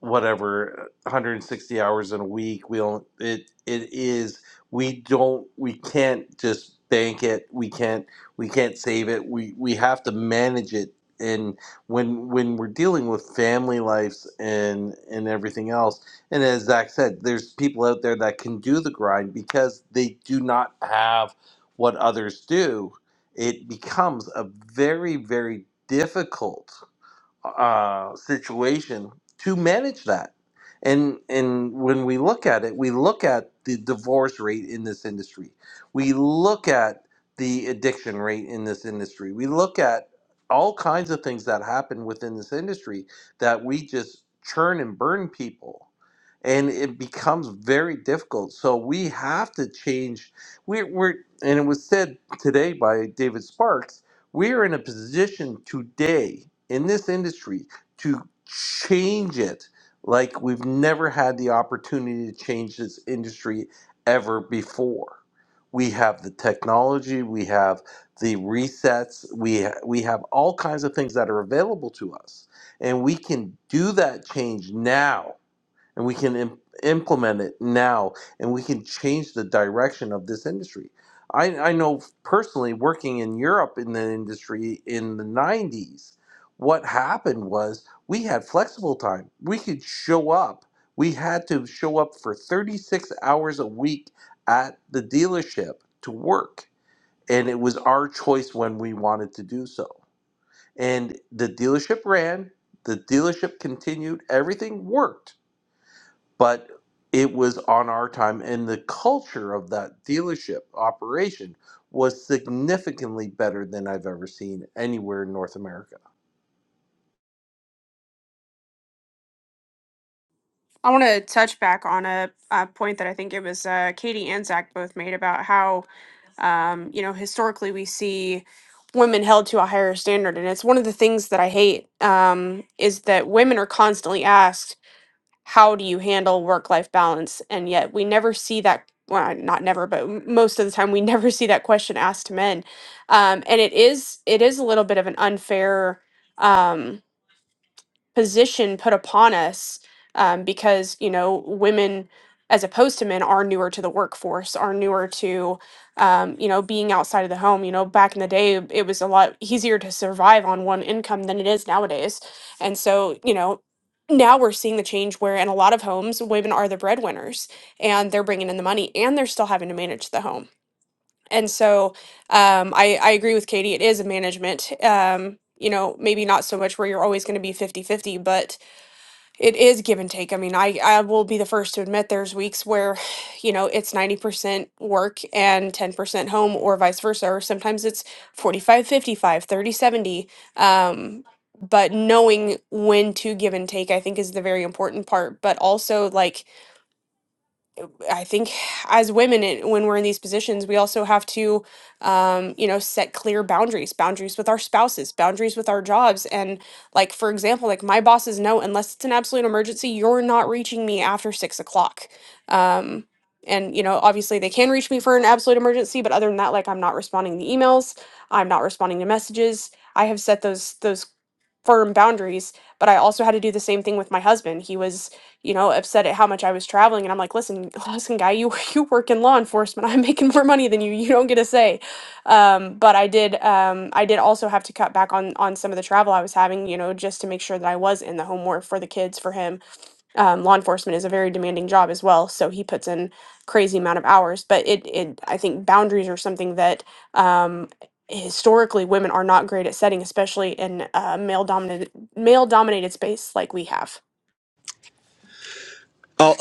Speaker 1: whatever 160 hours in a week we don't it it is we don't we can't just bank it we can't we can't save it we we have to manage it and when when we're dealing with family lives and and everything else and as zach said there's people out there that can do the grind because they do not have what others do it becomes a very very difficult uh, situation to manage that. And and when we look at it, we look at the divorce rate in this industry. We look at the addiction rate in this industry. We look at all kinds of things that happen within this industry that we just churn and burn people. And it becomes very difficult. So we have to change. We're, we're and it was said today by David Sparks we are in a position today in this industry to change it like we've never had the opportunity to change this industry ever before. We have the technology, we have the resets, we ha- we have all kinds of things that are available to us and we can do that change now and we can Im- implement it now and we can change the direction of this industry. I, I know personally working in Europe in the industry in the 90s, what happened was we had flexible time. We could show up. We had to show up for 36 hours a week at the dealership to work. And it was our choice when we wanted to do so. And the dealership ran, the dealership continued, everything worked but it was on our time and the culture of that dealership operation was significantly better than i've ever seen anywhere in north america
Speaker 3: I want to touch back on a, a point that I think it was uh, Katie and Zach both made about how, um, you know, historically we see women held to a higher standard. And it's one of the things that I hate um, is that women are constantly asked, how do you handle work life balance? And yet we never see that. Well, not never, but m- most of the time we [laughs] never see that question asked to men, um, and it is it is a little bit of an unfair um, position put upon us um, because you know women as opposed to men are newer to the workforce are newer to um, you know being outside of the home you know back in the day it was a lot easier to survive on one income than it is nowadays and so you know now we're seeing the change where in a lot of homes women are the breadwinners and they're bringing in the money and they're still having to manage the home and so um, I, I agree with katie it is a management um, you know maybe not so much where you're always going to be 50 50, but it is give and take. I mean, I I will be the first to admit there's weeks where, [sighs] you know, it's 90% work and 10% home or vice versa, or sometimes it's 45 55, 30 70. Um, but knowing when to give and take, I think, is the very important part. But also, like, I think as women, it, when we're in these positions, we also have to, um, you know, set clear boundaries, boundaries with our spouses, boundaries with our jobs. And like, for example, like my bosses know, unless it's an absolute emergency, you're not reaching me after six o'clock. Um, and, you know, obviously they can reach me for an absolute emergency, but other than that, like I'm not responding to emails, I'm not responding to messages. I have set those, those firm boundaries. But I also had to do the same thing with my husband. He was, you know, upset at how much I was traveling, and I'm like, listen, [laughs] listen, guy, you [laughs] you work in law enforcement. I'm making more money than you. You don't get a say. Um, but I did, um, I did also have to cut back on on some of the travel I was having, you know, just to make sure that I was in the home more for the kids for him um, law enforcement is a very demanding job as well so he puts in crazy amount of hours but it, it i think boundaries are something that um, historically women are not great at setting especially in a male dominated male dominated space like we have
Speaker 6: Oh,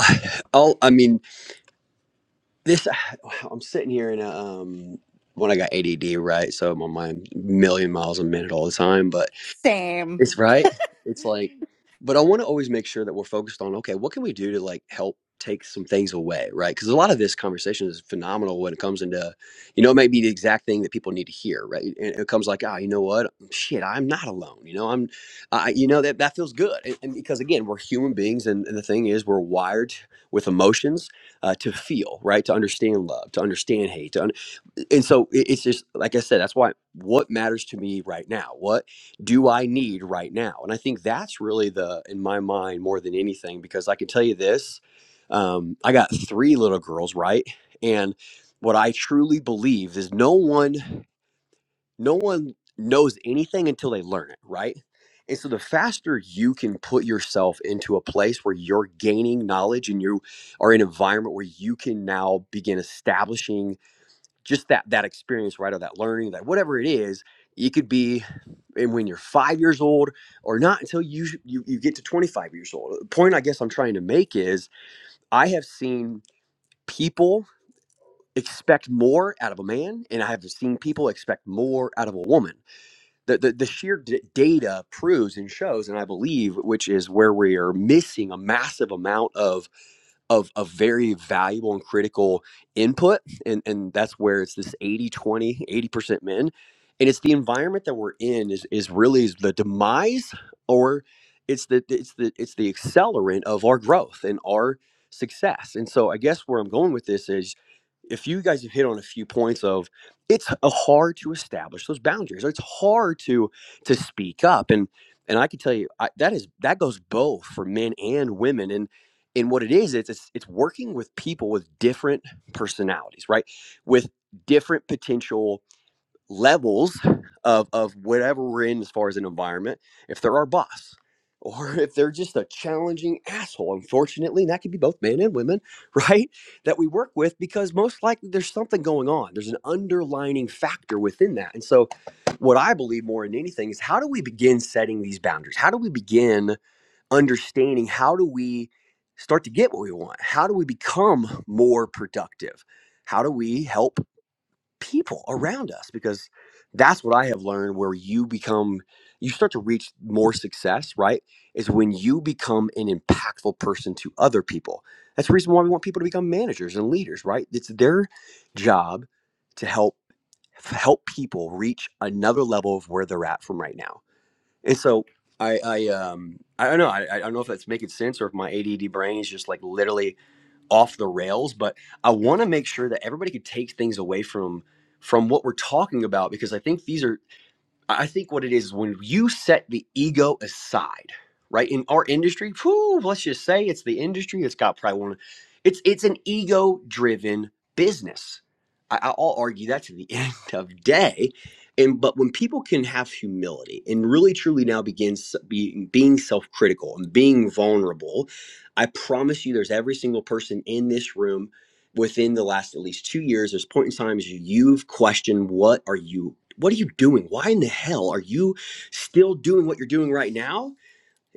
Speaker 6: oh, I mean, this. I'm sitting here in a um when I got ADD, right? So my mind million miles a minute all the time. But
Speaker 8: Same.
Speaker 6: it's right. It's like, but I want to always make sure that we're focused on okay, what can we do to like help take some things away, right? Because a lot of this conversation is phenomenal when it comes into, you know, it may be the exact thing that people need to hear, right? And it comes like, ah, you know what, shit, I'm not alone. You know, I'm, I, you know, that that feels good, and, and because again, we're human beings, and, and the thing is, we're wired with emotions uh, to feel, right? To understand love, to understand hate, to un- and so it- it's just like I said, that's why what matters to me right now. What do I need right now? And I think that's really the, in my mind, more than anything, because I can tell you this um, I got three little girls, right? And what I truly believe is no one, no one knows anything until they learn it, right? And so the faster you can put yourself into a place where you're gaining knowledge and you are in an environment where you can now begin establishing just that that experience right or that learning that whatever it is it could be and when you're five years old or not until you, you you get to 25 years old the point i guess i'm trying to make is i have seen people expect more out of a man and i have seen people expect more out of a woman the, the, the sheer d- data proves and shows and i believe which is where we are missing a massive amount of of a very valuable and critical input and and that's where it's this eighty twenty eighty percent men and it's the environment that we're in is is really is the demise or it's the it's the it's the accelerant of our growth and our success and so i guess where i'm going with this is if you guys have hit on a few points of it's hard to establish those boundaries or it's hard to to speak up and and i can tell you I, that is that goes both for men and women and and what it is it's, it's it's working with people with different personalities right with different potential levels of of whatever we're in as far as an environment if they're our boss or if they're just a challenging asshole unfortunately and that could be both men and women [laughs] right that we work with because most likely there's something going on there's an underlining factor within that and so what i believe more than anything is how do we begin setting these boundaries how do we begin understanding how do we start to get what we want how do we become more productive how do we help people around us because that's what I have learned where you become you start to reach more success, right? Is when you become an impactful person to other people. That's the reason why we want people to become managers and leaders, right? It's their job to help help people reach another level of where they're at from right now. And so I I um I don't know I, I don't know if that's making sense or if my ADD brain is just like literally off the rails but i want to make sure that everybody could take things away from from what we're talking about because i think these are I think what it is when you set the ego aside, right? In our industry, whew, let's just say it's the industry. It's got probably one. It's it's an ego-driven business. I, I'll argue that to the [laughs] end of day. And but when people can have humility and really truly now begins being being self-critical and being vulnerable, I promise you, there's every single person in this room within the last at least two years there's point in times you've questioned what are you what are you doing why in the hell are you still doing what you're doing right now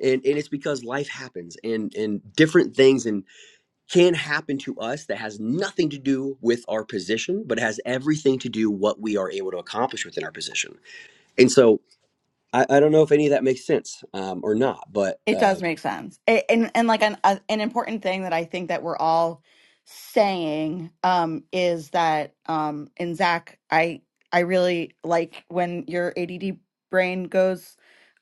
Speaker 6: and and it's because life happens and and different things and can happen to us that has nothing to do with our position but has everything to do what we are able to accomplish within our position and so i, I don't know if any of that makes sense um, or not but
Speaker 8: It
Speaker 6: uh,
Speaker 8: does make sense. It, and and like an a, an important thing that I think that we're all saying um is that um and Zach, I I really like when your ADD brain goes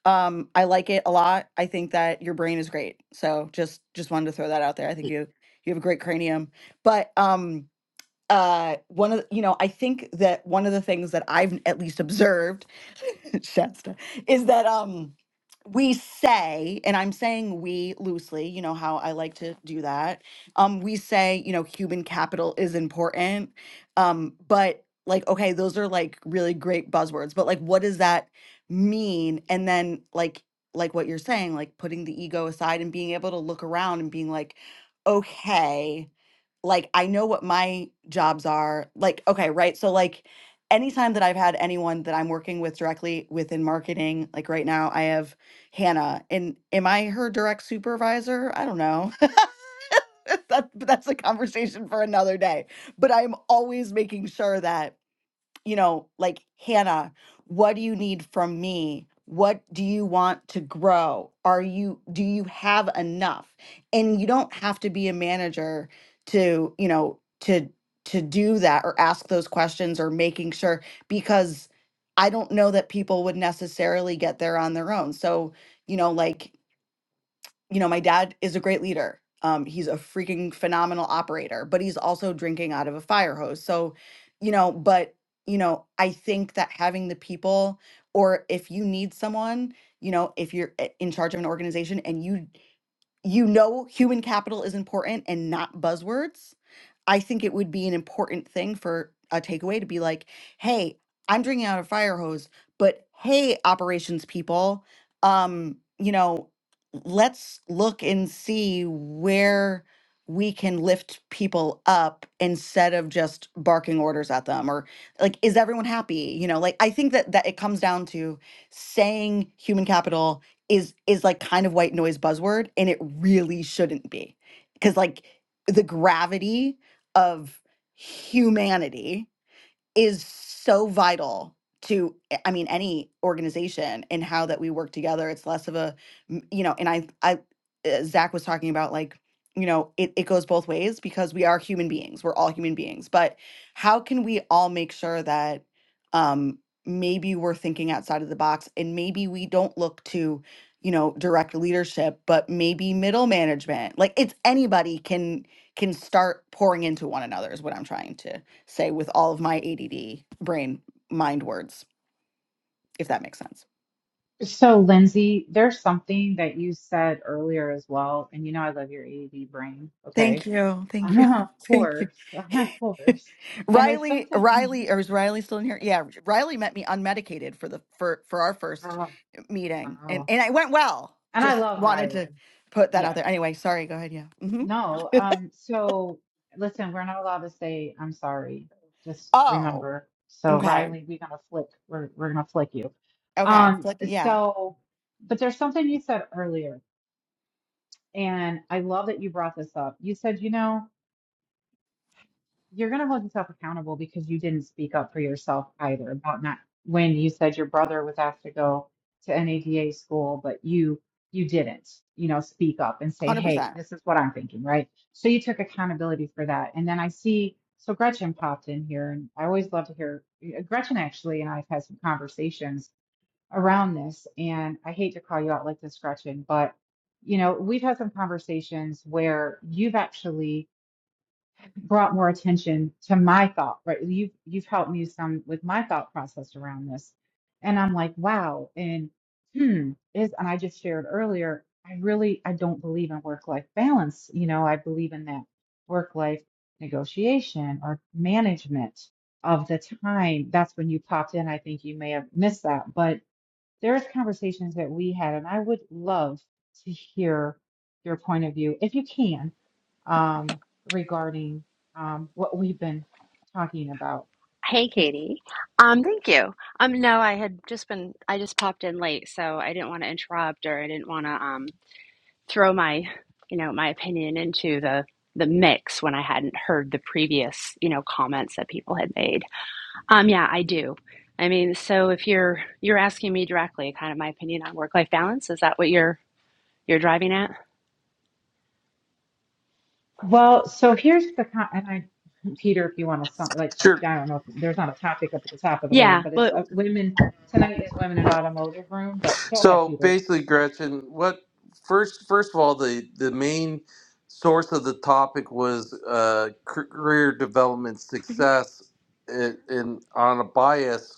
Speaker 8: um I like it a lot. I think that your brain is great. So just just wanted to throw that out there. I think you you have a great cranium. But um uh one of the- you know, I think that one of the things that I've at least observed [laughs] Shasta, is that um we say, and I'm saying we loosely, you know how I like to do that. Um, we say, you know, human capital is important. Um, but like, okay, those are like really great buzzwords, but like what does that mean? And then like like what you're saying, like putting the ego aside and being able to look around and being like, okay, like I know what my jobs are. Like, okay, right. So like anytime that I've had anyone that I'm working with directly within marketing, like right now I have Hannah and am I her direct supervisor? I don't know. [laughs] that, but that's a conversation for another day. But I'm always making sure that you know, like, Hannah, what do you need from me? What do you want to grow? Are you, do you have enough? And you don't have to be a manager to, you know, to, to do that or ask those questions or making sure because I don't know that people would necessarily get there on their own. So, you know, like you know, my dad is a great leader. Um, he's a freaking phenomenal operator, but he's also drinking out of a fire hose. So, you know, but, you know, I think that having the people, or if you need someone, you know, if you're i- in charge of an organization and you you know human capital is important and not buzzwords, I think it would be an important thing for a takeaway to be like, hey, I'm drinking out of a fire hose, but hey, operations people, um, you know, let's look and see where we can lift people up instead of just barking orders at them or like is everyone happy you know like i think that that it comes down to saying human capital is is like kind of white noise buzzword and it really shouldn't be because like the gravity of humanity is so vital to eh, i mean any organization and how that we work together it's less of a m- you know and i i uh, zach was talking about like you know it, it goes both ways because we are human beings we're all human beings but how can we all make sure that um maybe we're thinking outside of the box and maybe we don't look to you know direct leadership but maybe middle management like it's anybody can can start pouring into one another is what i'm trying to say with all of my ADD brain mind words, if that makes sense.
Speaker 9: So, Lindsay, there's something that you said earlier as well, and you know I love your ADD brain.
Speaker 8: Thank
Speaker 9: Okay,
Speaker 8: you.
Speaker 9: [laughs]
Speaker 8: Thank you.
Speaker 9: of
Speaker 8: [laughs] Thank you.
Speaker 9: course, [laughs] of
Speaker 8: [laughs]
Speaker 9: course. And there's
Speaker 8: Riley,
Speaker 9: something. [laughs]
Speaker 8: Riley, or is Riley still in here? Yeah, Riley met me unmedicated for the for for our first
Speaker 9: Oh,
Speaker 8: meeting, and
Speaker 9: wow.
Speaker 8: and it went well.
Speaker 9: And I
Speaker 8: Just
Speaker 9: love
Speaker 8: wanted
Speaker 9: Riley.
Speaker 8: to put that
Speaker 9: Yeah,
Speaker 8: out there. Anyway, sorry. Go ahead. Yeah. hmm
Speaker 9: No, um, so listen, we're not allowed to say I'm sorry. Just
Speaker 8: Oh.
Speaker 9: remember. So
Speaker 8: Okay.
Speaker 9: Riley, we're gonna flick. We're we're gonna flick you.
Speaker 8: Okay. It's
Speaker 9: Um,
Speaker 8: like yeah,
Speaker 9: so, but there's something you said earlier, and I love that you brought this up. You said, you know you're going to hold yourself accountable because you didn't speak up for yourself either about not when you said your brother was asked to go to NADA school, but you you didn't, you know, speak up and say,
Speaker 8: hundred
Speaker 9: hey,
Speaker 8: percent.
Speaker 9: this is what I'm thinking, right? So you took accountability for that. And then I see, so Gretchen popped in here, and I always love to hear uh, Gretchen actually, and I've had some conversations around this. And I hate to call you out like this, Gretchen, but you know, we've had some conversations where you've actually brought more attention to my thought, right? Well, You've you've helped me some with my thought process around this. And I'm like, wow, and hmm, is and I just shared earlier, I really I don't believe in work-life balance. You know, I believe in that work-life negotiation or management of the time. That's when you popped in. I think you may have missed that. but there's conversations that we had, and I would love to hear your point of view, if you can, um, regarding um, what we've been talking about.
Speaker 10: Hey, Katie. Um, thank you. Um, no, I had just been, I just popped in late, so I didn't want to interrupt or I didn't want to um throw my, you know, my opinion into the the mix when I hadn't heard the previous, you know, comments that people had made. Um, yeah, I do. I mean, so if you're you're asking me directly kind of my opinion on work-life balance, is that what you're you're driving at?
Speaker 9: Well, so here's the con- and I, Peter, if you want to, some, like,
Speaker 1: sure
Speaker 9: I don't know if there's not a topic up at the top of the room,
Speaker 10: Yeah.
Speaker 9: but it's
Speaker 10: Well,
Speaker 9: uh, women tonight is women in automotive room. But go ahead,
Speaker 1: so
Speaker 9: Peter.
Speaker 1: basically gretchen what first first of all the the main source of the topic was uh, career development
Speaker 10: mhm.
Speaker 1: success and in on a bias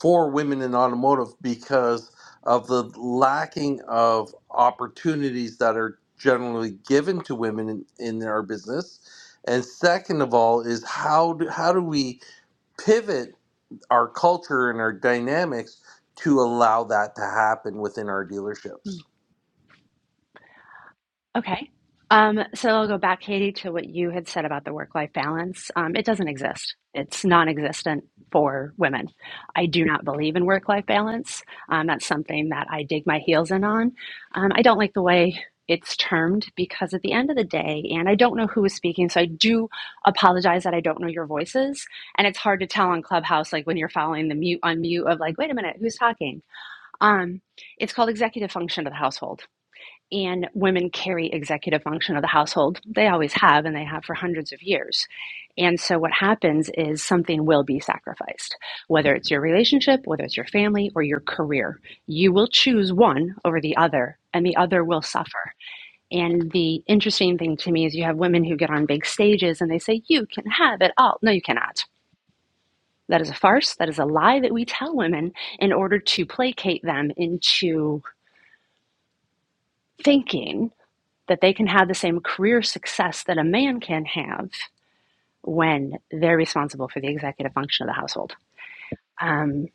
Speaker 1: for women in automotive because of the lacking of opportunities that are generally given to women in, in our business. And second of all is how do, how do we pivot our culture and our dynamics to allow that to happen within our dealerships?
Speaker 10: Okay. Um, so I'll go back, Katie, to what you had said about the work life balance. Um, it doesn't exist, it's non existent for women. I do not believe in work life balance. Um, that's something that I dig my heels in on. Um, I don't like the way it's termed because at the end of the day, and I don't know who is speaking, so I do apologize that I don't know your voices. And it's hard to tell on Clubhouse, like when you're following the mute unmute of like, wait a minute, who's talking? Um, it's called executive function of the household and women carry executive function of the household. They always have, and they have for hundreds of years. And so, what happens is something will be sacrificed, whether it's your relationship, whether it's your family, or your career. You will choose one over the other, and the other will suffer. And the interesting thing to me is you have women who get on big stages and they say, You can have it all. No, you cannot. That is a farce. That is a lie that we tell women in order to placate them into thinking that they can have the same career success that a man can have when they're responsible for the executive function of the household. Um,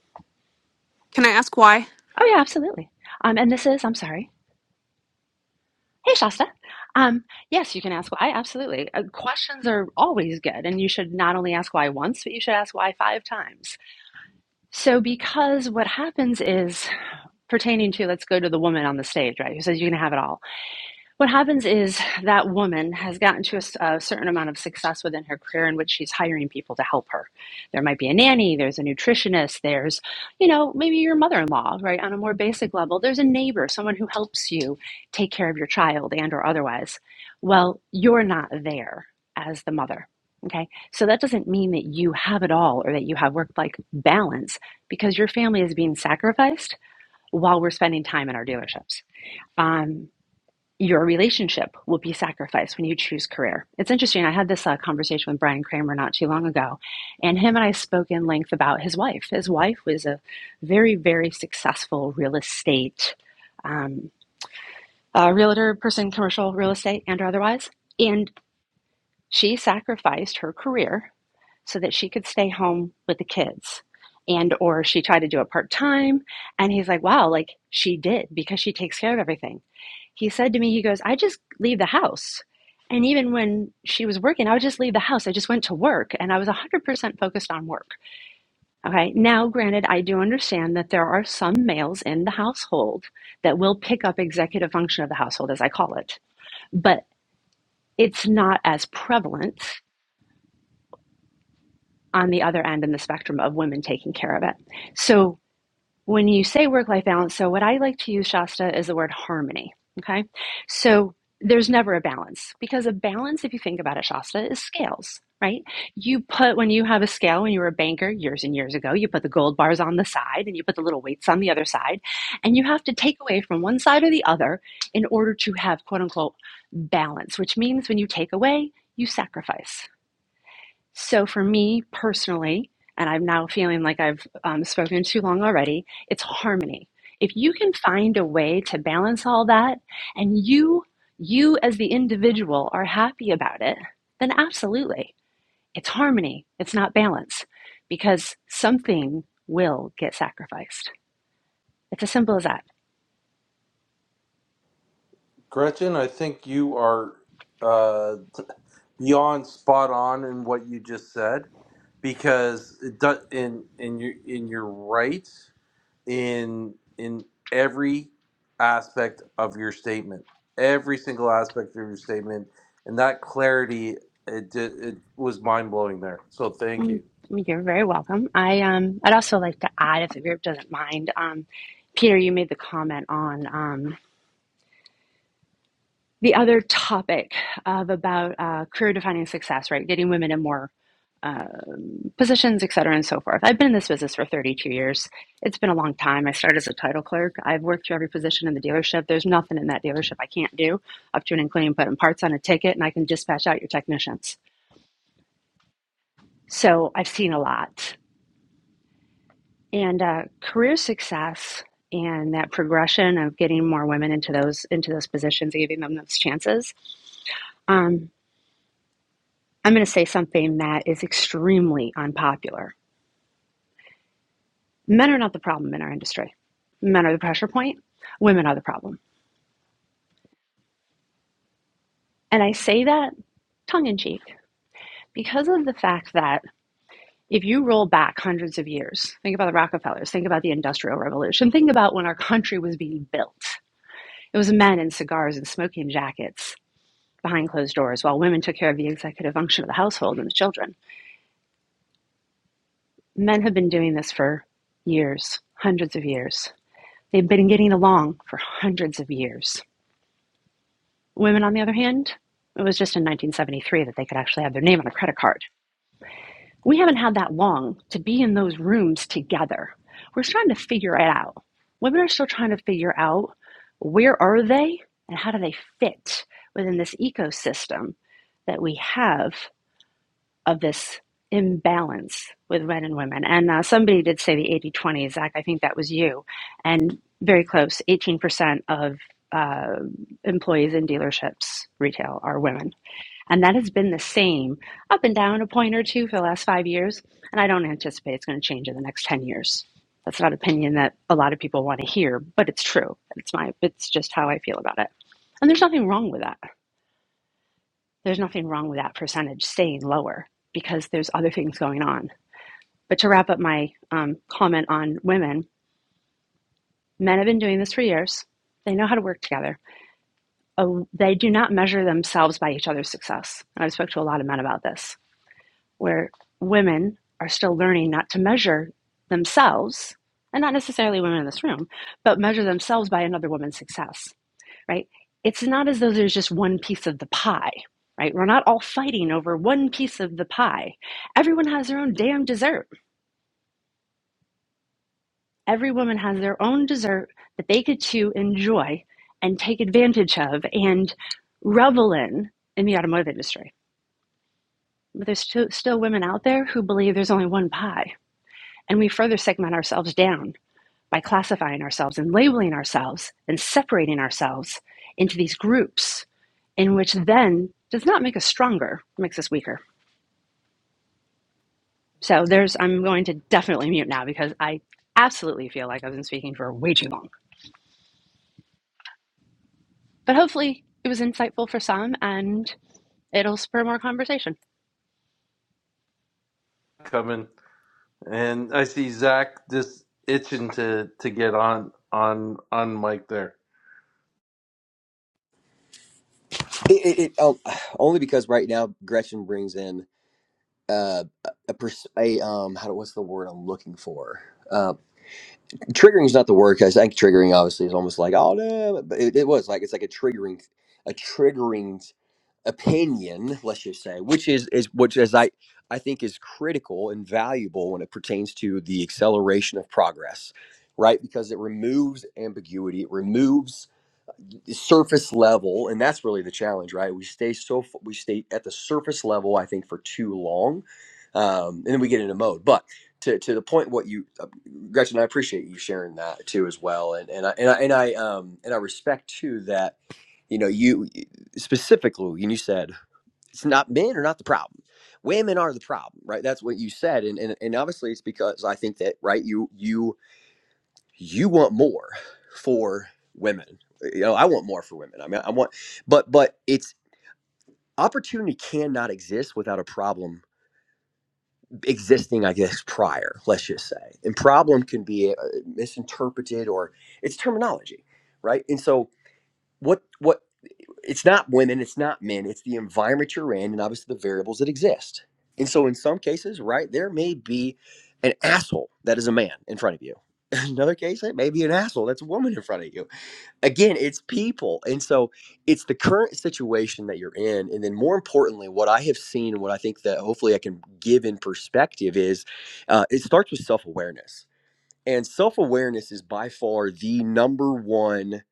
Speaker 3: can i ask why
Speaker 10: oh, yeah, absolutely. Um, and this is, I'm sorry. Hey, Shasta. Um, yes, you can ask why. Absolutely. Uh, questions are always good. And you should not only ask why once, but you should ask why five times. So, because what happens is pertaining to, let's go to the woman on the stage, right? Who says you can have it all What happens is that woman has gotten to a a certain amount of success within her career in which she's hiring people to help her. There might be a nanny, there's a nutritionist, there's, you know, maybe your mother in law, right? On a more basic level, there's a neighbor, someone who helps you take care of your child and or otherwise. Well, you're not there as the mother. Okay. So that doesn't mean that you have it all or that you have work life balance because your family is being sacrificed while we're spending time in our dealerships. Um, your relationship will be sacrificed when you choose career. It's interesting. I had this uh, conversation with Brian Kramer not too long ago, and him and I spoke in length about his wife. His wife was a very, very successful real estate um, uh, realtor person, commercial real estate and otherwise. And she sacrificed her career so that she could stay home with the kids. And or she tried to do it part time, and he's like, "Wow, like she did because she takes care of everything." he said to me, he goes, I just leave the house. And even when she was working, I would just leave the house. I just went to work and I was 100% focused on work. Okay. Now, granted, I do understand that there are some males in the household that will pick up executive function of the household, as I call it, but it's not as prevalent on the other end in the spectrum of women taking care of it. So when you say work life balance, so what I like to use, Shasta, is the word harmony. Okay. So there's never a balance because a balance, if you think about it, Shasta, is scales, right? You put, when you have a scale, when you were a banker years and years ago, you put the gold bars on the side and you put the little weights on the other side. And you have to take away from one side or the other in order to have quote unquote balance, which means when you take away, you sacrifice. So for me personally, and I'm now feeling like I've um, spoken too long already, it's harmony. If you can find a way to balance all that and you you as the individual are happy about it, then absolutely. It's harmony. It's not balance because something will get sacrificed. It's as simple as that.
Speaker 1: Gretchen, I think you are uh, beyond spot on in what you just said because it does, and, and, you, and you're right in in every aspect of your statement, every single aspect of your statement, and that clarity it ju- it was mind blowing there. So thank
Speaker 10: Mm,
Speaker 1: you
Speaker 10: You're very welcome. I um I'd also like to add if the group doesn't mind um Peter you made the comment on um the other topic of about uh, career defining success, right? Getting women in more um, positions, et cetera, and so forth. I've been in this business for 32 years. It's been a long time. I started as a title clerk. I've worked through every position in the dealership. There's nothing in that dealership I can't do, up to and including putting parts on a ticket, and I can dispatch out your technicians. So I've seen a lot. And uh, career success and that progression of getting more women into those into those positions, giving them those chances. um, I'm going to say something that is extremely unpopular. Men are not the problem in our industry. Men are the pressure point, women are the problem. And I say that tongue in cheek because of the fact that if you roll back hundreds of years, think about the Rockefellers, think about the Industrial Revolution, think about when our country was being built. It was men in cigars and smoking jackets behind closed doors while women took care of the executive function of the household and the children. Men have been doing this for years, hundreds of years. They've been getting along for hundreds of years. Women, on the other hand, it was just in 1973 that they could actually have their name on a credit card. We haven't had that long to be in those rooms together. We're trying to figure it out. Women are still trying to figure out where are they and how do they fit within this ecosystem that we have of this imbalance with men and women. And uh, somebody did say the 80 20 Zach, I think that was you. And very close 18% of uh, employees in dealerships, retail, are women. And that has been the same up and down a point or two for the last five years. And I don't anticipate it's going to change in the next 10 years. That's not an opinion that a lot of people want to hear, but it's true. It's my, it's just how I feel about it. And there's nothing wrong with that there's nothing wrong with that percentage staying lower because there's other things going on. But to wrap up my um, comment on women, men have been doing this for years. They know how to work together. Uh, they do not measure themselves by each other's success. And I've spoke to a lot of men about this, where women are still learning not to measure themselves, and not necessarily women in this room, but measure themselves by another woman's success right? It's not as though there's just one piece of the pie, right? We're not all fighting over one piece of the pie. Everyone has their own damn dessert. Every woman has their own dessert that they get to enjoy and take advantage of and revel in in the automotive industry. But there's still, still women out there who believe there's only one pie. And we further segment ourselves down by classifying ourselves and labeling ourselves and separating ourselves into these groups in which then does not make us stronger makes us weaker so there's i'm going to definitely mute now because i absolutely feel like i've been speaking for way too long but hopefully it was insightful for some and it'll spur more conversation
Speaker 1: coming, and I see Zach just itching to to get on on on mic there.
Speaker 6: it, it, it oh, [sighs] only because right now gretchen brings in uh, a, pers- a um how do, what's the word I'm looking for? Uh, triggering is not the word because I think triggering obviously is almost like oh no, but it, it was like it's like a triggering a triggering opinion, let's just say, which is is which is I I think is critical and valuable when it pertains to the acceleration of progress, right? Because it removes ambiguity, it removes surface level and that's really the challenge right we stay so we stay at the surface level i think for too long um, and then we get into mode but to, to the point what you uh, gretchen i appreciate you sharing that too as well and and i and i and i, um, and I respect too that you know you specifically and you said it's not men are not the problem women are the problem right that's what you said and and, and obviously it's because i think that right you you you want more for women you know i want more for women i mean i want but but it's opportunity cannot exist without a problem existing i guess prior let's just say and problem can be uh, misinterpreted or it's terminology right and so what what it's not women it's not men it's the environment you're in and obviously the variables that exist and so in some cases right there may be an asshole that is a man in front of you [laughs] in another case it may be an asshole that's a woman in front of you again it's people and so it's the current situation that you're in and then more importantly what i have seen and what i think that hopefully i can give in perspective is uh, it starts with self-awareness and self-awareness is by far the number one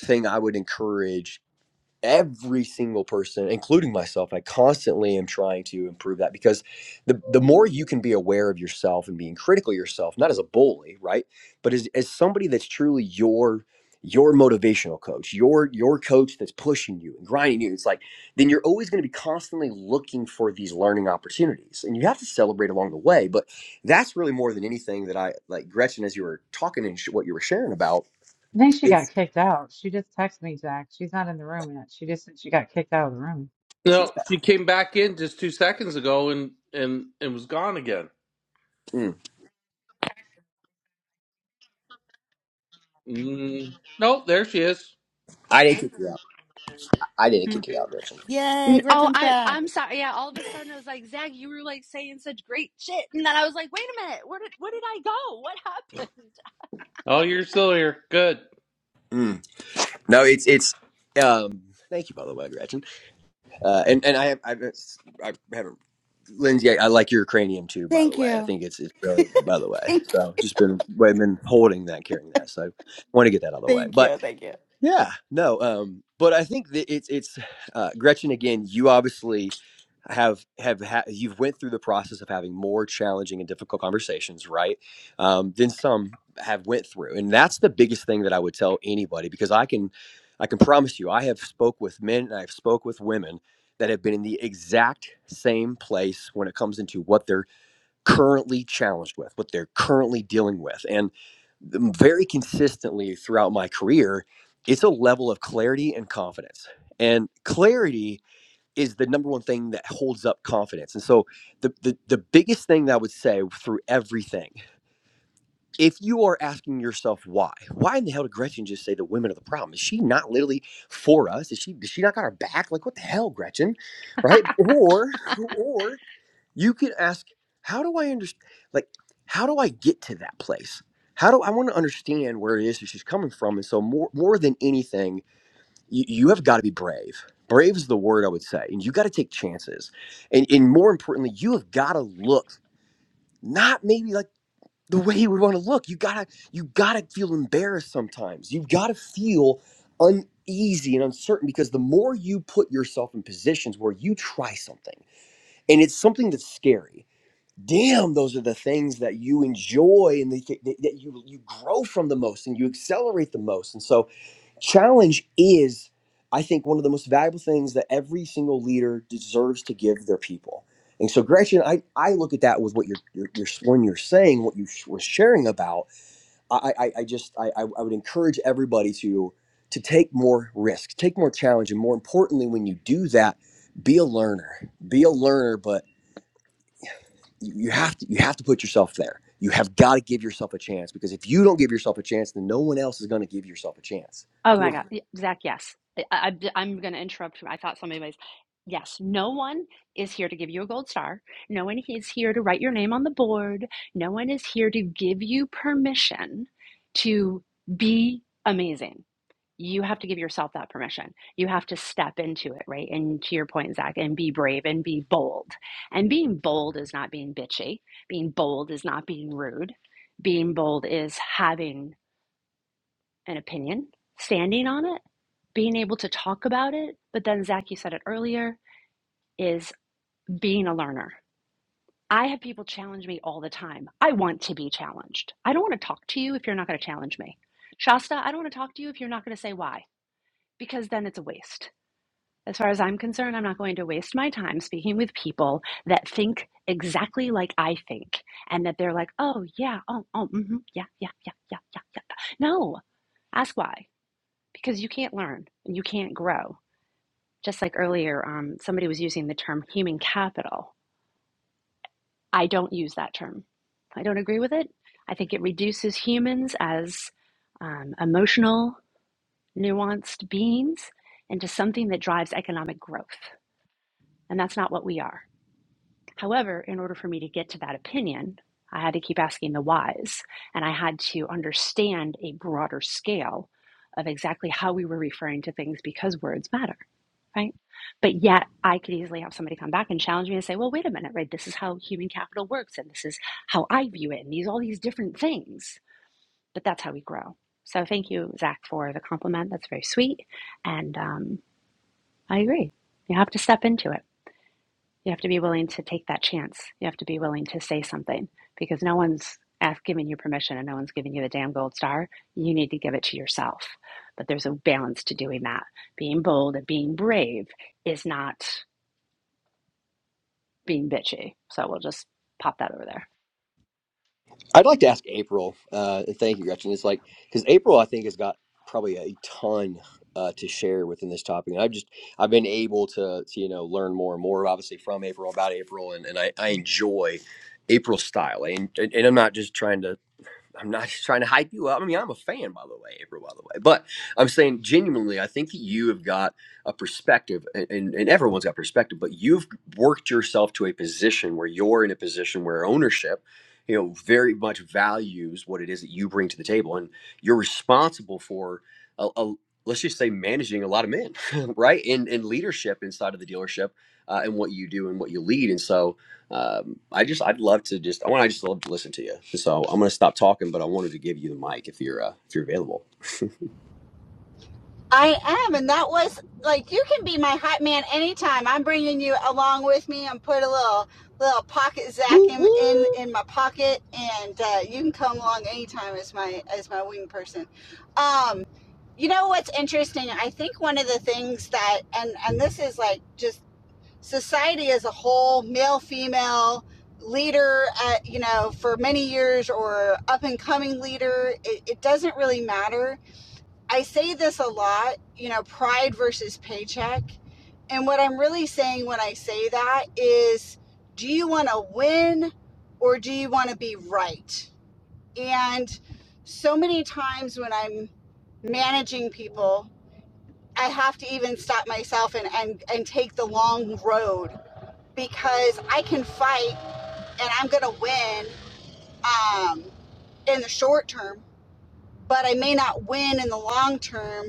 Speaker 6: thing i would encourage every single person including myself i constantly am trying to improve that because the the more you can be aware of yourself and being critical of yourself not as a bully right but as, as somebody that's truly your your motivational coach your your coach that's pushing you and grinding you it's like then you're always going to be constantly looking for these learning opportunities and you have to celebrate along the way but that's really more than anything that i like gretchen as you were talking and sh- what you were sharing about
Speaker 9: I think she got
Speaker 6: it's
Speaker 9: kicked out. She just texted me, Zach. She's not in the room yet. She just said she got kicked out of the room.
Speaker 6: she's
Speaker 1: No, she came back in just two seconds ago and and and was gone again.
Speaker 6: mm,
Speaker 1: Mm, nope, there she is.
Speaker 6: i didn't kick you out i didn't kick you out gretchen
Speaker 8: Yay,
Speaker 10: N- Oh,
Speaker 8: Gretchen's
Speaker 10: I
Speaker 8: back.
Speaker 10: I'm sorry. Yeah, all of a sudden I was like, Zach, you were like saying such great shit, and then I was like, wait a minute, where did where did I go? [laughs] What happened?
Speaker 1: Oh, you're still here. Good.
Speaker 6: Mm. No, it's it's. Um, thank you, by the way, Gretchen. Uh, and and I have I've, I haven't. Lindsay, I, I like your cranium too, by the
Speaker 8: Thank
Speaker 6: way. I
Speaker 8: you.
Speaker 6: think it's it's brilliant, by the
Speaker 8: [laughs]
Speaker 6: way.
Speaker 8: Thank
Speaker 6: So
Speaker 8: you.
Speaker 6: just been I've been holding that, carrying that. So I want to get that out of the way.
Speaker 8: Thank
Speaker 6: But
Speaker 8: you. Thank you.
Speaker 6: yeah, no, um, but I think that it's it's [sighs] uh, Gretchen again. You obviously have have ha- you've went through the process of having more challenging and difficult conversations, right? Um, than some have went through, and that's the biggest thing that I would tell anybody because I can I can promise you, I have spoke with men and I've spoke with women that have been in the exact same place when it comes into what they're currently challenged with, what they're currently dealing with. And very consistently throughout my career, it's a level of clarity and confidence. And clarity is the number one thing that holds up confidence. And so, the, the, the biggest thing that I would say through everything, if you are asking yourself why, why in the hell did Gretchen just say the women are the problem? Is she not literally for us? Is she, does she not got our back? Like, what the hell, Gretchen? Right? Or, or you can ask how do i understand like how do i get to that place how do i want to understand where it is that she's coming from and so more more than anything you, you have got to be brave brave is the word i would say and you got to take chances and and more importantly you have got to look not maybe like the way you would want to look you gotta you gotta feel embarrassed sometimes you've got to feel uneasy and uncertain because the more you put yourself in positions where you try something and it's something that's scary damn those are the things that you enjoy and the, that that you you grow from the most and you accelerate the most and so challenge is i think one of the most valuable things that every single leader deserves to give their people and so gretchen i, I look at that with what you're, you're, you're when you're saying what you sh- were sharing about i i, I just I, I I would encourage everybody to to take more risk take more challenge and more importantly when you do that be a learner be a learner but you you have to you have to put yourself there. You have got to give yourself a chance because if you don't give yourself a chance, then no one else is going to give yourself a chance
Speaker 10: Oh my
Speaker 6: for
Speaker 10: God,
Speaker 6: you.
Speaker 10: Y- Zach, yes, I, I I'm gonna interrupt. you. I thought somebody was. Yes, no one is here to give you a gold star. No one is here to write your name on the board. No one is here to give you permission to be amazing you have to give yourself that permission. You have to step into it, right? And to your point, Zach, and be brave and be bold. And being bold is not being bitchy. Being bold is not being rude. Being bold is having an opinion, standing on it, being able to talk about it. But then, Zach, you said it earlier, is being a learner. I have people challenge me all the time. I want to be challenged. I don't want to talk to you if you're not going to challenge me. Shasta, I don't want to talk to you if you're not going to say why, because then it's a waste As far as I'm concerned, I'm not going to waste my time speaking with people that think exactly like I think and that they're like, oh, yeah, oh, oh, mm-hmm, yeah, yeah, yeah, yeah, yeah, yeah. No, ask why. Because you can't learn and you can't grow. Just like earlier, um, somebody was using the term human capital. I don't use that term. I don't agree with it. I think it reduces humans as um, emotional, nuanced beings into something that drives economic growth. And that's not what we are. However, in order for me to get to that opinion, I had to keep asking the whys, and I had to understand a broader scale of exactly how we were referring to things because words matter, right? But yet, I could easily have somebody come back and challenge me and say, "Well, wait a minute, right? This is how human capital works, and this is how I view it, and these all these different things." But that's how we grow. So, thank you, Zach, for the compliment. That's very sweet, and um, I agree. You have to step into it. You have to be willing to take that chance. You have to be willing to say something because no one's ask, giving you permission and no one's giving you the damn gold star. You need to give it to yourself. But there's a balance to doing that. Being bold and being brave is not being bitchy. So we'll just pop that over there.
Speaker 6: I'd like to ask April, uh, and thank you, Gretchen. It's like because April, I think, has got probably a ton uh, to share within this topic, and I've just I've been able to, to you know learn more and more, obviously, from April about April, and, and I, I enjoy April's style, and, and and I'm not just trying to I'm not trying to hype you up. I mean, I'm a fan, by the way, April, by the way. But I'm saying genuinely, I think that you have got a perspective, and, and, and everyone's got perspective, but you've worked yourself to a position where you're in a position where ownership, you know, very much values what it is that you bring to the table. And you're responsible for, a, a- let's just say, managing a lot of men, [laughs] right? And, and leadership inside of the dealership uh, and what you do and what you lead. And so, um, I just I'd love to just I want to just love to listen to you. So I'm gonna stop talking, but I wanted to give you the mic if you're uh, if you're available.
Speaker 11: I am, and that was like you can be my hot man anytime. I'm bringing you along with me. I'm put a little little pocket Zach
Speaker 6: Woo
Speaker 11: in in,
Speaker 6: woo.
Speaker 11: in my pocket, and uh, you can come along anytime as my as my wing person. Um, you know what's interesting? I think one of the things that and and this is like just society as a whole, male, female leader at, you know for many years or up and coming leader it, it doesn't really matter I say this a lot, you know, pride versus paycheck. And what I'm really saying when I say that is do you want to win or do you want to be right? And so many times when I'm managing people, I have to even stop myself and, and, and take the long road because I can fight and I'm going to win um, in the short term, but I may not win in the long term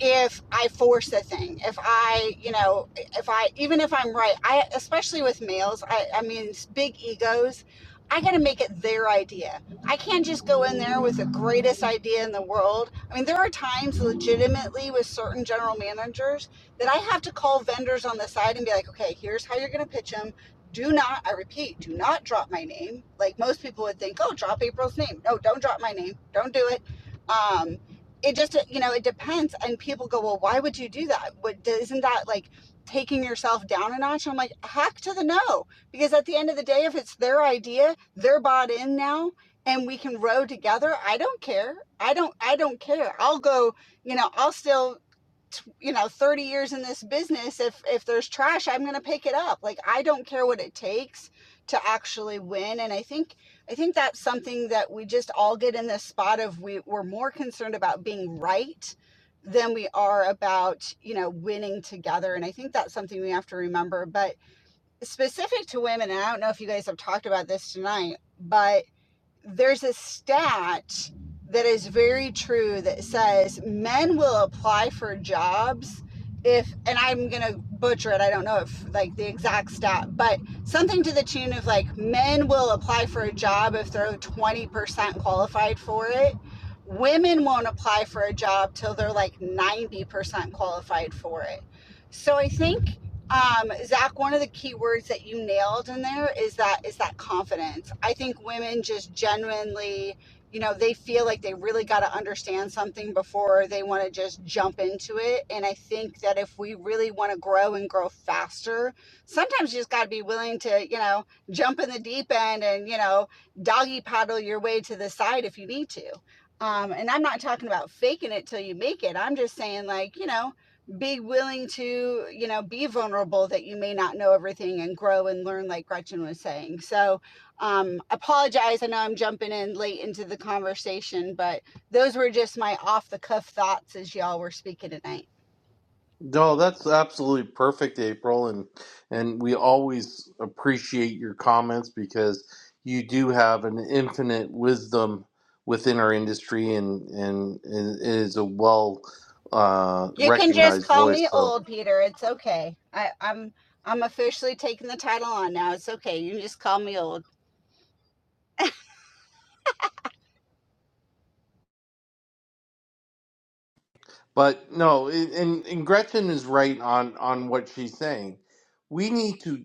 Speaker 11: if I force a thing, if I, you know, if I, even if I'm right, I, especially with males, I, I mean, big egos, I got to make it their idea. I can't just go in there with the greatest idea in the world. I mean, there are times legitimately with certain general managers that I have to call vendors on the side and be like, okay, here's how you're going to pitch them. Do not, I repeat, do not drop my name. Like most people would think, oh, drop April's name. No, don't drop my name. Don't do it. Um, it just you know it depends and people go well why would you do that what isn't that like taking yourself down a notch i'm like heck to the no because at the end of the day if it's their idea they're bought in now and we can row together i don't care i don't i don't care i'll go you know i'll still you know 30 years in this business if if there's trash i'm going to pick it up like i don't care what it takes to actually win and i think i think that's something that we just all get in this spot of we we're more concerned about being right than we are about you know winning together and i think that's something we have to remember but specific to women and i don't know if you guys have talked about this tonight but there's a stat that is very true that says men will apply for jobs if and i'm gonna butcher it i don't know if like the exact stat but something to the tune of like men will apply for a job if they're 20% qualified for it women won't apply for a job till they're like 90% qualified for it so i think um, Zach, one of the key words that you nailed in there is that is that confidence. I think women just genuinely, you know, they feel like they really got to understand something before they want to just jump into it. And I think that if we really want to grow and grow faster, sometimes you just got to be willing to, you know, jump in the deep end and you know, doggy paddle your way to the side if you need to. Um, and I'm not talking about faking it till you make it. I'm just saying, like, you know, be willing to you know be vulnerable that you may not know everything and grow and learn like gretchen was saying so um apologize i know i'm jumping in late into the conversation but those were just my off the cuff thoughts as y'all were speaking tonight
Speaker 1: No, that's absolutely perfect, April, and and we always appreciate your comments because you do have an infinite wisdom within our industry, and and, and it is a well uh,
Speaker 11: you can just
Speaker 1: recognized
Speaker 11: call me
Speaker 1: voice. So
Speaker 11: old peter it's okay i i'm i'm officially taking the title on now it's okay you can just call me old
Speaker 1: But no, it- and and Gretchen is right on on what she's saying. We need to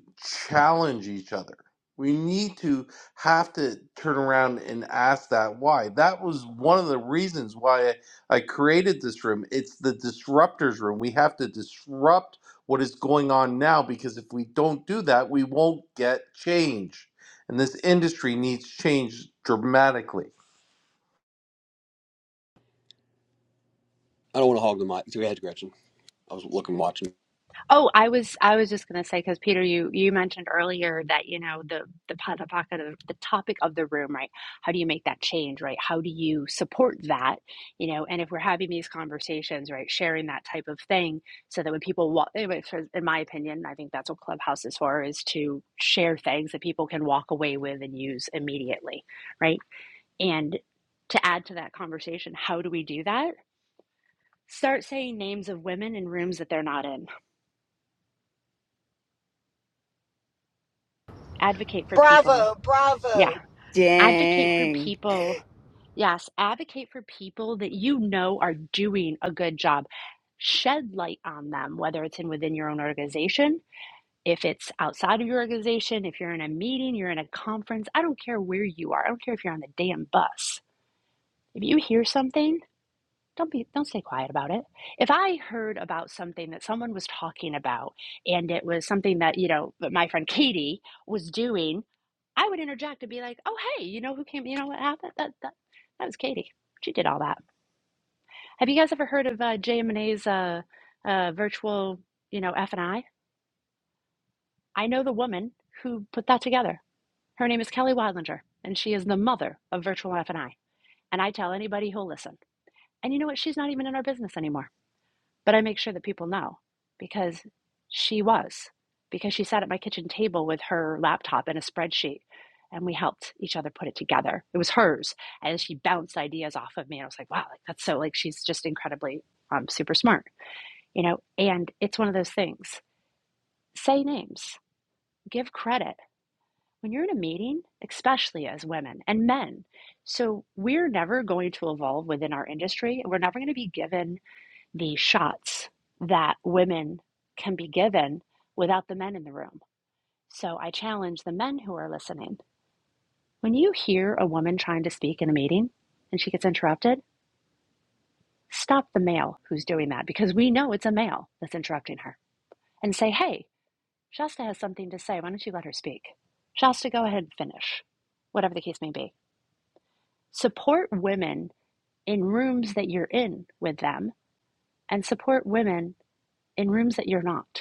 Speaker 1: challenge each other. We need to have to turn around and ask that why. That was one of the reasons why I, I created this room. It's the disruptors room. We have to disrupt what is going on now because if we don't do that, we won't get change. And this industry needs change dramatically.
Speaker 6: I don't want to hog the mic. Go ahead, Gretchen. I was looking watching.
Speaker 10: Oh, I was I was just going to say because Peter, you you mentioned earlier that you know the the po- the pocket of the topic of the room, right? How do you make that change, right? How do you support that, you know? And if we're having these conversations, right, sharing that type of thing, so that when people walk, anyway, for, in my opinion, I think that's what Clubhouse is for, is to share things that people can walk away with and use immediately, right? And to add to that conversation, how do we do that? Start saying names of women in rooms that they're not in advocate for people
Speaker 11: Bravo,
Speaker 10: Yeah.
Speaker 11: bravo.
Speaker 10: Advocate for
Speaker 8: Dang.
Speaker 10: people. Yes. Advocate for people that you know are doing a good job. Shed light on them, whether it's in within your own organization, if it's outside of your organization, if you're in a meeting, you're in a conference, I don't care where you are. I don't care if you're on the damn bus. If you hear something, don't be don't stay quiet about it. If I heard about something that someone was talking about and it was something that, you know, that my friend Katie was doing I would interject and be like, "Oh, hey, you know who came? You know what happened? That that that was Katie. She did all that." Have you guys ever heard of uh, Jay Monet's uh, uh, virtual, you know, F and I? I know the woman who put that together. Her name is Kelly Wadlinger, and she is the mother of virtual F and I. And I tell anybody who'll listen. And you know what? She's not even in our business anymore. but I make sure that people know because she was, because she sat at my kitchen table with her laptop and a spreadsheet, and we helped each other put it together. It was hers, and she bounced ideas off of me, and I was like, wow, like that's so like she's just incredibly um, super smart, you know. And it's one of those things: say names, give credit. When you're in a meeting, especially as women and men, so we're never going to evolve within our industry. We're never going to be given the shots that women can be given without the men in the room. So I challenge the men who are listening. When you hear a woman trying to speak in a meeting and she gets interrupted, stop the male who's doing that because we know it's a male that's interrupting her and say, hey, Shasta has something to say. Why don't you let her speak? Shasta, go ahead and finish, whatever the case may be. Support women in rooms that you're in with them and support women in rooms that you're not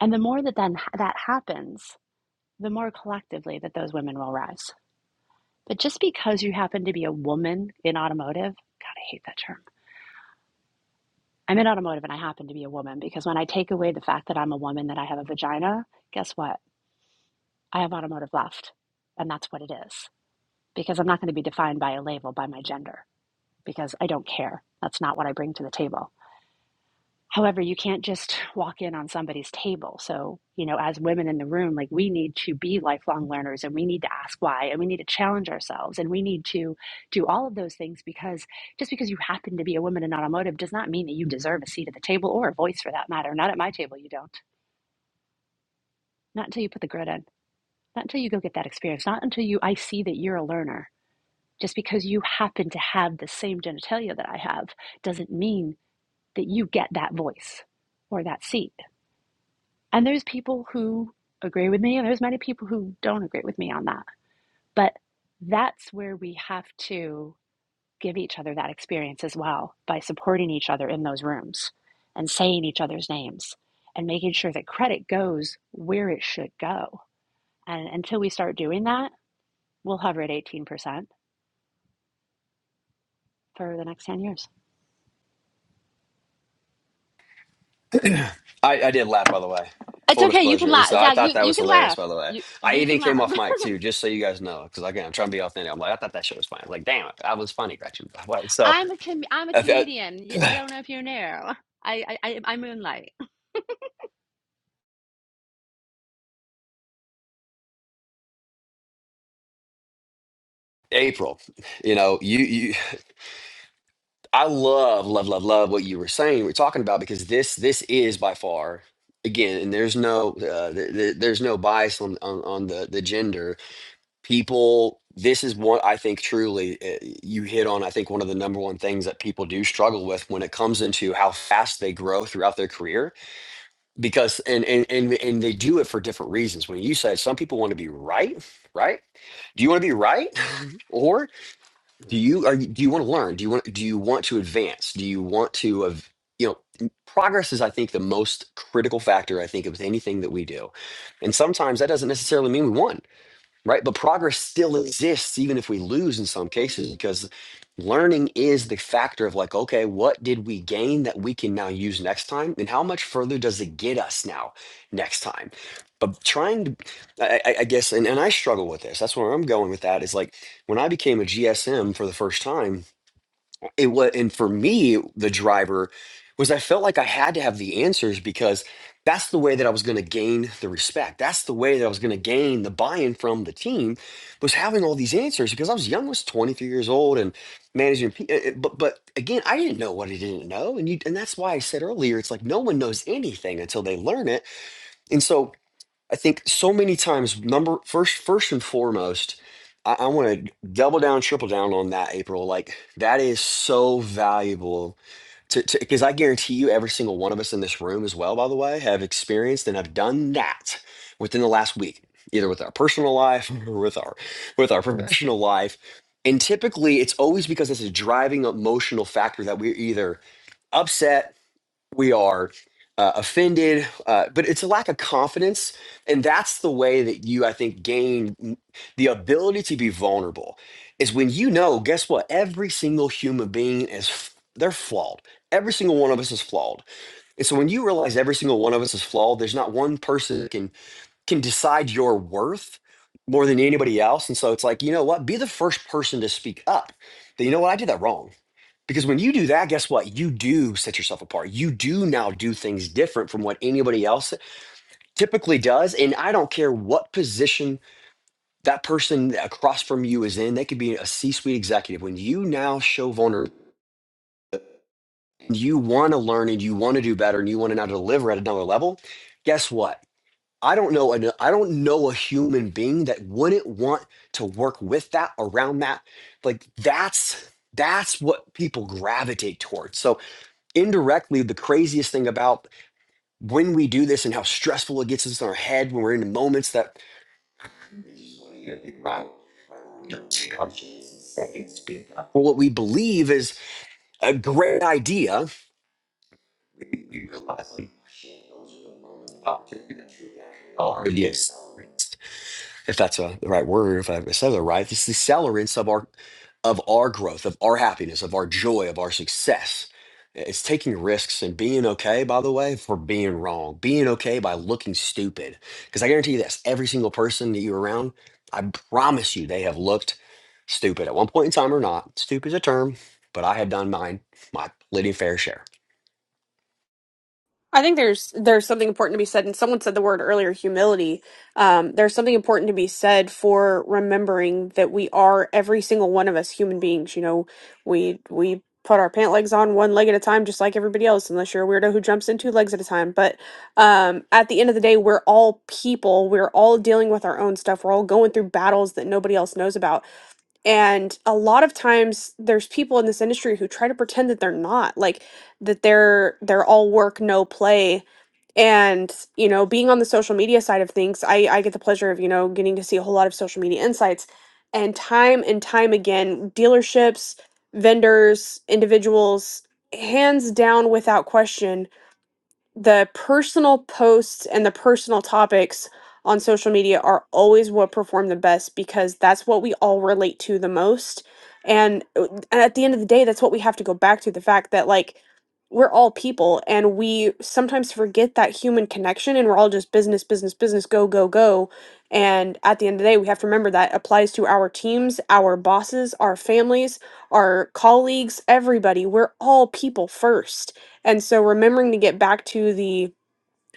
Speaker 10: And the more that then that happens, the more collectively that those women will rise. But just because you happen to be a woman in automotive, God, I hate that term. I'm in automotive and I happen to be a woman because when I take away the fact that I'm a woman, that I have a vagina, guess what? I have automotive left. And that's what it is because I'm not going to be defined by a label, by my gender, because I don't care. That's not what I bring to the table. However, you can't just walk in on somebody's table. So, you know, as women in the room, like we need to be lifelong learners and we need to ask why and we need to challenge ourselves and we need to do all of those things because just because you happen to be a woman in automotive does not mean that you deserve a seat at the table or a voice for that matter. Not at my table, you don't. Not until you put the grit in. Not until you go get that experience. Not until you, I see that you're a learner. Just because you happen to have the same genitalia that I have doesn't mean that you get that voice or that seat And there's people who agree with me, and there's many people who don't agree with me on that. But that's where we have to give each other that experience as well by supporting each other in those rooms and saying each other's names and making sure that credit goes where it should go. And until we start doing that, we'll hover at 18% for the next 10 years.
Speaker 6: I, I did laugh, by the way.
Speaker 10: It's
Speaker 6: Full
Speaker 10: okay. You can
Speaker 6: disclosure. And
Speaker 10: laugh.
Speaker 6: so I
Speaker 10: Zach, you,
Speaker 6: thought that
Speaker 10: you
Speaker 6: was
Speaker 10: can
Speaker 6: hilarious,
Speaker 10: laugh.
Speaker 6: by the way.
Speaker 10: You,
Speaker 6: I
Speaker 10: you can
Speaker 6: even came
Speaker 10: laugh.
Speaker 6: off mic too, just so you guys know, because again, I'm trying to be authentic. I'm like, I thought that shit was funny. I'm like, damn, it, that was funny, Gretchen. Wait,
Speaker 10: [laughs]
Speaker 6: so
Speaker 10: I'm a com- I'm a
Speaker 6: if,
Speaker 10: comedian. I I
Speaker 6: uh,
Speaker 10: don't know if you knew. I, I, I I moonlight.
Speaker 6: [clears throat] [sighs] April, you know, you, you I love, love, love, love what you were saying, we're talking about because this this is by far again, and there's no uh, th- th- there's no bias on, on on the the gender. People, this is one I think truly uh, you hit on. I think one of the number one things that people do struggle with when it comes into how fast they grow throughout their career, because and and and and they do it for different reasons. When you said some people want to be right, right? Do you want to be right? [laughs] or? do you are you, do you want to learn do you want do you want to advance do you want to of you know n- progress is i think the most critical factor i think of anything that we do and sometimes that doesn't necessarily mean we won right? But progress still exists, even if we lose in some cases, because learning is the factor of like, okay, what did we gain that we can now use next time? And how much further does it get us now next time? But trying to, I, I I guess, and, and I struggle with this. That's where I'm going with that is like when I became a GSM for the first time, it was and for me the driver was i felt like i had to have the answers because that's the way that i was going to gain the respect that's the way that i was going to gain the buy-in from the team was having all these answers because i was young I was 23 years old and managing pe- eh, eh, but but again i didn't know what i didn't know and you and that's why i said earlier it's like no one knows anything until they learn it and so I think so many times, number first, first and foremost, I, I want to double down, triple down on that, April. Like that is so valuable to to, because I guarantee you, every single one of us in this room, as well, by the way, have experienced and have done that within the last week, either with our personal life [laughs] or with our with our professional life. And typically, it's always because it's a driving emotional factor that we're either upset we are uh, offended uh, but it's a lack of confidence and that's the way that you i think gain m- the ability to be vulnerable is when you know guess what every single human being is f- they're flawed every single one of us is flawed and so when you realize every single one of us is flawed there's not one person that can can decide your worth more than anybody else and so it's like you know what be the first person to speak up that you know what i did that wrong because when you do that, guess what? You do set yourself apart. You do now do things different from what anybody else typically does. And I don't care what position that person across from you is in, they could be a C suite executive. When you now show vulnerability, you want to learn and you want to do better and you want to now deliver at another level, guess what? I don't know. an- I don't know a human being that wouldn't want to work with that, around that. Like that's that's what people gravitate towards. So indirectly the craziest thing about when we do this and how stressful it gets us in our head when we're in moments that well, what we believe is a great idea. Oh, Yes. if that's a, the right word, if I said it right, it's the accelerants of our of our growth, of our happiness, of our joy, of our success. It's taking risks and being okay, by the way, for being wrong, being okay by looking stupid. Because I guarantee you this every single person that you're around, I promise you they have looked stupid at one point in time or not. Stupid is a term, but I have done mine, my plenty fair share.
Speaker 3: I think there's there's something important to be said, and someone said the word earlier, humility. Um, there's something important to be said for remembering that we are every single one of us human beings. You know, we we put our pant legs on one leg at a time, just like everybody else, unless you're a weirdo who jumps in two legs at a time. But um, at the end of the day, we're all people. We're all dealing with our own stuff. We're all going through battles that nobody else knows about. And a lot of times there's people in this industry who try to pretend that they're not, like that they're they're all work, no play. And, you know, being on the social media side of things, I I get the pleasure of, you know, getting to see a whole lot of social media insights. And time and time again, dealerships, vendors, individuals, hands down without question, the personal posts and the personal topics on social media are always what perform the best because that's what we all relate to the most and, uh, and at the end of the day that's what we have to go back to the fact that like we're all people and we sometimes forget that human connection and we're all just business business business go go go and at the end of the day we have to remember that applies to our teams our bosses our families our colleagues everybody we're all people first and so remembering to get back to the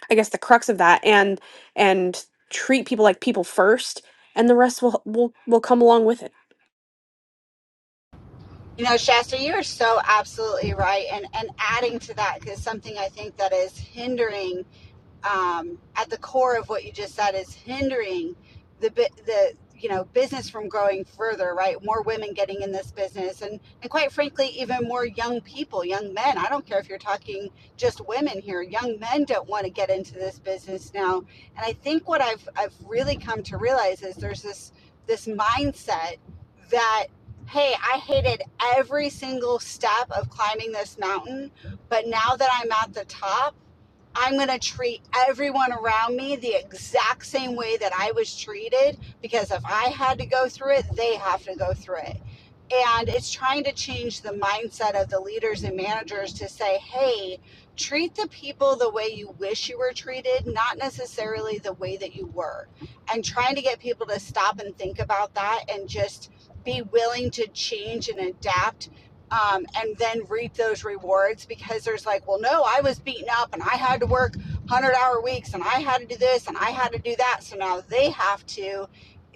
Speaker 3: i guess the crux of that and and treat people like people first and the rest will will will come along with it
Speaker 11: You know, Shasta, you're so absolutely right. And and adding to that is something I think that is hindering um, at the core of what you just said is hindering the the you know business from growing further right more women getting in this business and and quite frankly even more young people young men i don't care if you're talking just women here young men don't want to get into this business now and i think what i've i've really come to realize is there's this this mindset that hey i hated every single step of climbing this mountain but now that i'm at the top I'm going to treat everyone around me the exact same way that I was treated because if I had to go through it, they have to go through it. And it's trying to change the mindset of the leaders and managers to say, hey, treat the people the way you wish you were treated, not necessarily the way that you were. And trying to get people to stop and think about that and just be willing to change and adapt um, and then reap those rewards because there's like, well, no, I was beaten up and I had to work 100 hour weeks and I had to do this and I had to do that. So now they have to.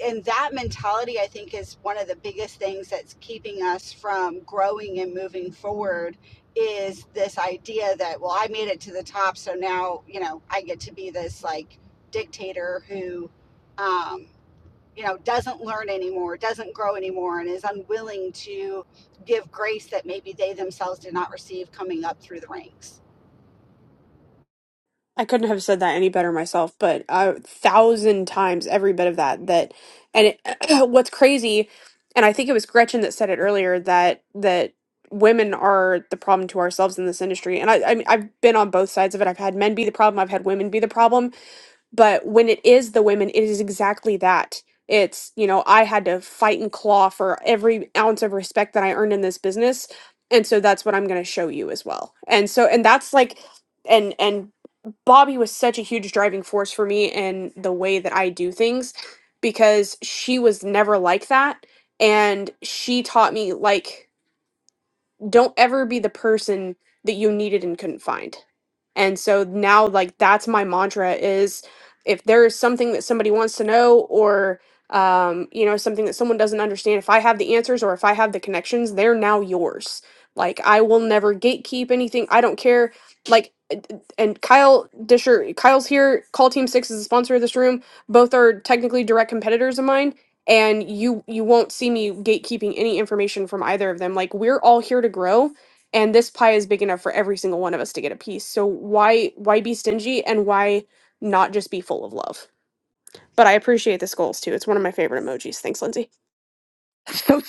Speaker 11: And that mentality, I think, is one of the biggest things that's keeping us from growing and moving forward is this idea that, well, I made it to the top. So now, you know, I get to be this like dictator who, um, you know doesn't learn anymore doesn't grow anymore and is unwilling to give grace that maybe they themselves did not receive coming up through the ranks
Speaker 3: i couldn't have said that any better myself but a thousand times every bit of that that and it, [clears throat] what's crazy and i think it was gretchen that said it earlier that that women are the problem to ourselves in this industry and i, I mean, i've been on both sides of it i've had men be the problem i've had women be the problem but when it is the women it is exactly that it's you know i had to fight and claw for every ounce of respect that i earned in this business and so that's what i'm going to show you as well and so and that's like and and bobby was such a huge driving force for me in the way that i do things because she was never like that and she taught me like don't ever be the person that you needed and couldn't find. And so now like that's my mantra is if there is something that somebody wants to know or um you know something that someone doesn't understand if I have the answers or if I have the connections they're now yours. Like I will never gatekeep anything. I don't care like uh, uh, and Kyle Disher Kyle's here. Call Team 6 is the sponsor of this room. Both are technically direct competitors of mine and you you won't see me gatekeeping any information from either of them like we're all here to grow and this pie is big enough for every single one of us to get a piece so why why be stingy and why not just be full of love but i appreciate the skulls too it's one of my favorite emojis thanks lindsay
Speaker 8: So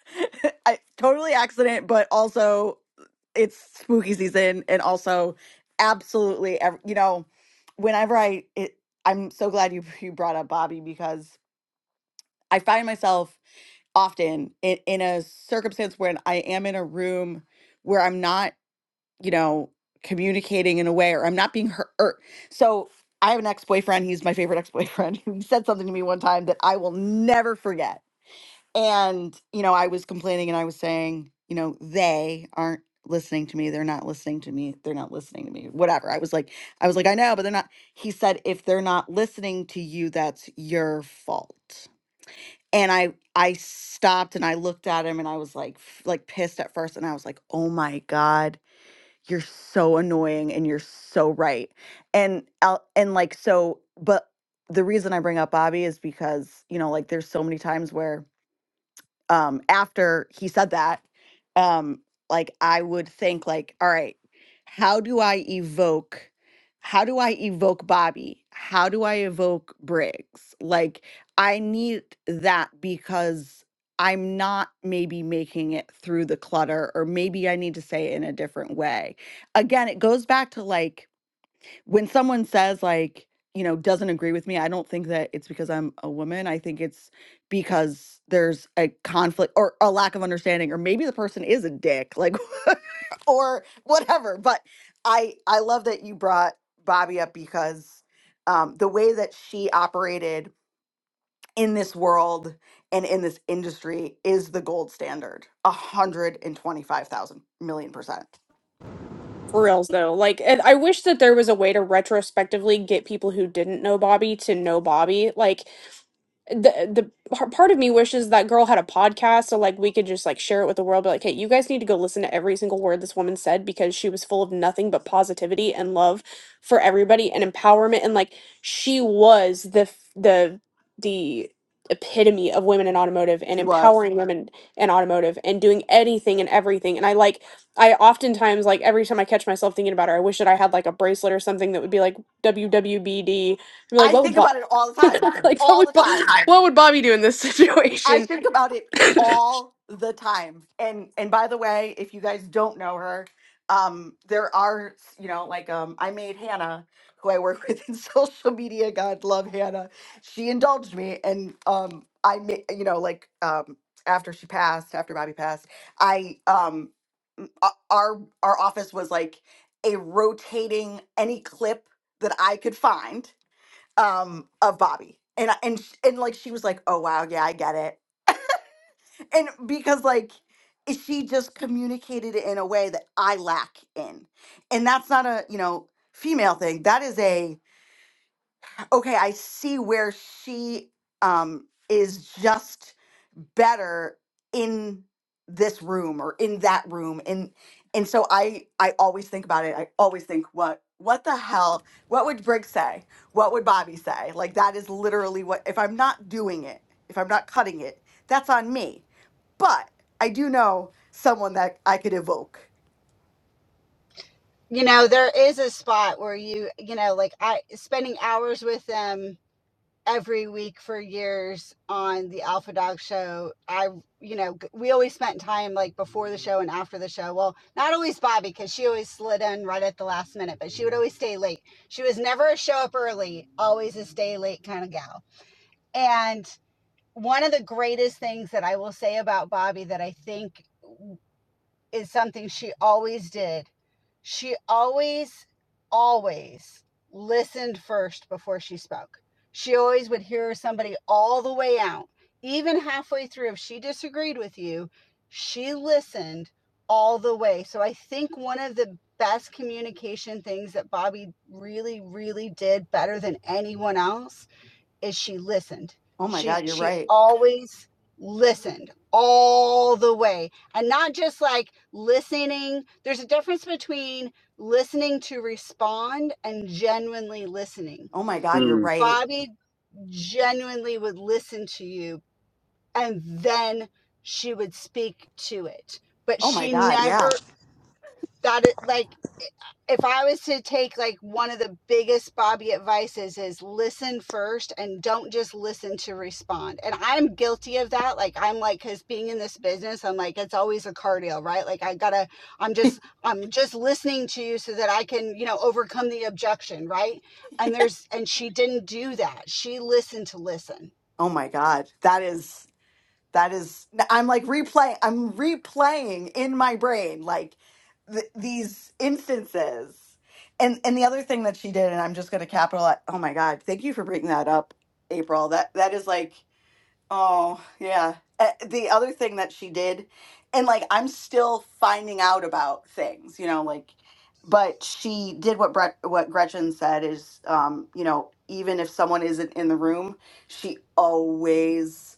Speaker 8: [laughs] I, totally accident, but also it's spooky season, and also absolutely, ev- you know, whenever I, it, I'm so glad you you brought up Bobby because I find myself often in, in a circumstance when I am in a room where I'm not, you know, communicating in a way, or I'm not being hurt. Or, So I have an ex boyfriend. He's my favorite ex boyfriend. [laughs] He said something to me one time that I will never forget and, you know, I was complaining and I was saying, you know, they aren't listening to me. They're not listening to me. They're not listening to me. Whatever. I was like, I was like, I know, but they're not. He said, if they're not listening to you, that's your fault. And I I stopped and I looked at him and I was like f- like pissed at first and I was like, "Oh my god, you're so annoying and you're so right." And I'll- and like so but the reason I bring up Bobby is because, you know, like there's so many times where um, after he said that, um, like I would think like, all right, how do I evoke, how do I evoke Bobby? How do I evoke Briggs? Like I need that because I'm not maybe making it through the clutter, or maybe I need to say it in a different way. Again, it goes back to like when someone says like you know doesn't agree with me i don't think that it's because i'm a woman i think it's because there's a conflict or a lack of understanding or maybe the person is a dick like [laughs] or whatever but i i love that you brought bobby up because um the way that she operated in this world and in this industry is the gold standard 125,000 million percent
Speaker 3: for reals though like and i wish that there was a way to retrospectively get people who didn't know bobby to know bobby like the the par- part of me wishes that girl had a podcast so like we could just like share it with the world be like hey you guys need to go listen to every single word this woman said because she was full of nothing but positivity and love for everybody and empowerment and like she was the f- the the epitome of women in automotive and
Speaker 8: she was
Speaker 3: empowering women in automotive and doing anything and everything and I like I oftentimes like every time I catch myself thinking about her I wish that I had like a bracelet or something that would be like WWBD and be like
Speaker 8: i
Speaker 3: what
Speaker 8: think
Speaker 3: would
Speaker 8: about it all the time
Speaker 3: [laughs] like what
Speaker 8: all
Speaker 3: would
Speaker 8: the
Speaker 3: Bo-
Speaker 8: time
Speaker 3: what would Bobby do in this
Speaker 8: I
Speaker 3: situation?
Speaker 8: think about it
Speaker 3: [laughs] that
Speaker 8: all the time. And and by the way, if you guys don't know her, um, there are you know like um, I made Hannah, who I work with in [laughs] social media. God love Hannah. She indulged me, and um, I made you know like um, after she passed, after Bobby passed, I um, m- o- our our office was like a rotating any clip that I could find um of Bobby. And I- and sh- and like she was like, "Oh wow, yeah, I get it." [laughs] and because like i- she just communicated it in a way that I lack in. And that's not a, you know, female thing. That is a okay, I see where she um is just better in this room or in that room and and so i i always think about it i always think what what the hell what would Brig say what would bobby say like that is literally what if i'm not doing it if i'm not cutting it that's on me but i do know someone that i could evoke
Speaker 11: you know there is a spot where you you know like i spending hours with them every week for years on the alpha dog show i you know we always spent time like before the show and after the show well not always bobby because she always slid in right at the last minute but she would always stay late she was never a show up early always a stay late kind of gal and one of the greatest things that I will say about Bobby that I think is something she always did. She always, always listened first before she spoke. She always would hear somebody all the way out, even halfway through. If she disagreed with you, she listened all the way. So I think one of the best communication things that Bobby really, really did better than anyone else is she listened.
Speaker 8: oh my
Speaker 11: She
Speaker 8: god you're
Speaker 11: she
Speaker 8: right
Speaker 11: always listened all the way and not just like listening. There's a difference between listening to respond and genuinely listening.
Speaker 8: oh my god you're right
Speaker 11: Bobby genuinely would listen to you and then she would speak to it. But
Speaker 8: oh my
Speaker 11: she
Speaker 8: god yeah
Speaker 11: never that it like if I was to take like one of the biggest Bobby advices is listen first and don't just listen to respond. And I'm guilty of that. Like I'm like cuz being in this business I'm like it's always a cardio, right? Like I got to I'm just I'm just listening to you so that I can, you know, overcome the objection, right? And there's and she didn't do that. She listened to listen.
Speaker 8: Oh my God. That is, that is, I'm like replaying, I'm replaying in my brain like th- these instances. And and the other thing that she did, and I'm just going to capitalize. Oh my God. Thank you for bringing that up, April. That that is like Oh, yeah. Uh, the other thing that she did, and like I'm still finding out about things, you know, like, but she did what Brett, what Gretchen said is, um, you know, even if someone isn't in the room, she always,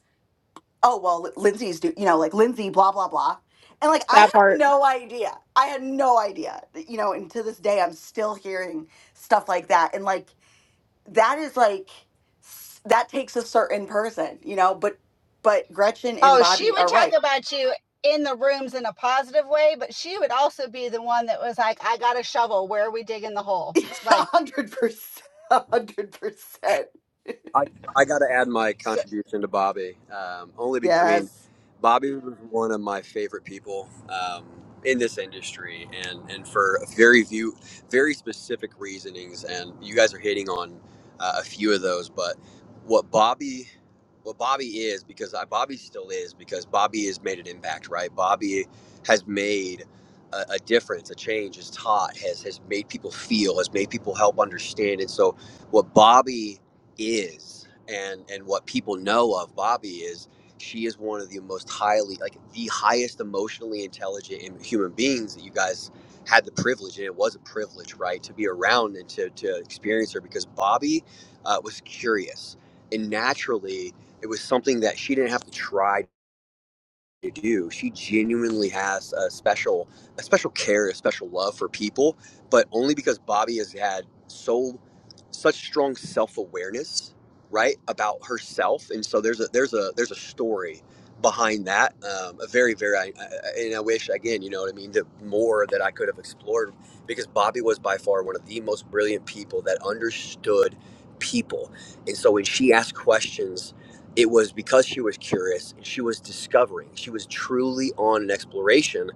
Speaker 8: oh, well, Lin- Lindsay's do, you know, like Lindsay, blah, blah, blah. And like I had
Speaker 3: part
Speaker 8: no idea. I had no idea, you know, and to this day, I'm still hearing stuff like that. And like, that is like s- that takes a certain person, you know. But but Gretchen and
Speaker 11: Oh, she
Speaker 8: Bobby
Speaker 11: would
Speaker 8: are
Speaker 11: talk
Speaker 8: right.
Speaker 11: about you in the rooms in a positive way, but she would also be the one that was like, I got a shovel. Where are we digging the
Speaker 8: [laughs]
Speaker 11: hole?
Speaker 8: A
Speaker 11: Like,
Speaker 8: hundred percent. [laughs] A hundred percent. [laughs]
Speaker 6: I I got to add my
Speaker 11: so,
Speaker 6: contribution to Bobby. Um, only, be, I mean,
Speaker 8: Yes.
Speaker 6: Bobby was one of my favorite people um, in this industry, and and for a very few, very specific reasonings. And you guys are hitting on uh, a few of those, but what Bobby. What Bobby is, because I, Bobby still is, because Bobby has made an impact, right? Bobby has made a, a difference, a change, has taught, has has made people feel, has made people help understand. And so, what Bobby is and and what people know of Bobby is she is one of the most highly like the highest emotionally intelligent human beings that you guys had the privilege and it was a privilege right to be around and to, to experience her because Bobby uh, was curious and naturally it was something that she didn't have to try to do. She genuinely has a special, a special care, a special love for people, but only because Bobby has had so such strong self awareness, right, about herself. And so there's a there's a there's a story behind that. Um, a very very, I, I, and I wish again, you know what I mean, the more that I could have explored because Bobby was by far one of the most brilliant people that understood people. And so when she asked questions it was because she was curious and she was discovering she was truly on an exploration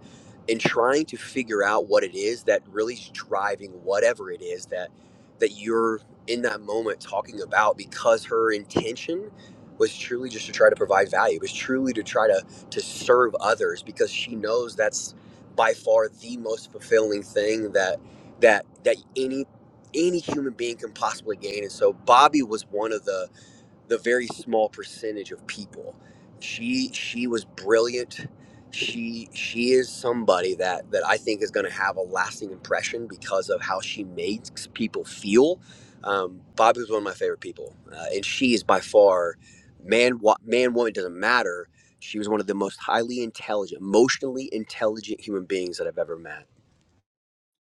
Speaker 6: and trying to figure out what it is that really is driving whatever it is that that you're in that moment talking about because her intention was truly just to try to provide value was truly to try to to serve others because she knows that's by far the most fulfilling thing that that that any any human being can possibly gain and so bobby was one of the the very small percentage of people. She she was brilliant. She she is somebody that that I think is going to have a lasting impression because of how she makes people feel. Um, Bobby was one of my favorite people, uh, and she is by far man wo- man woman doesn't matter. She was one of the most highly intelligent, emotionally intelligent human beings that I've ever met.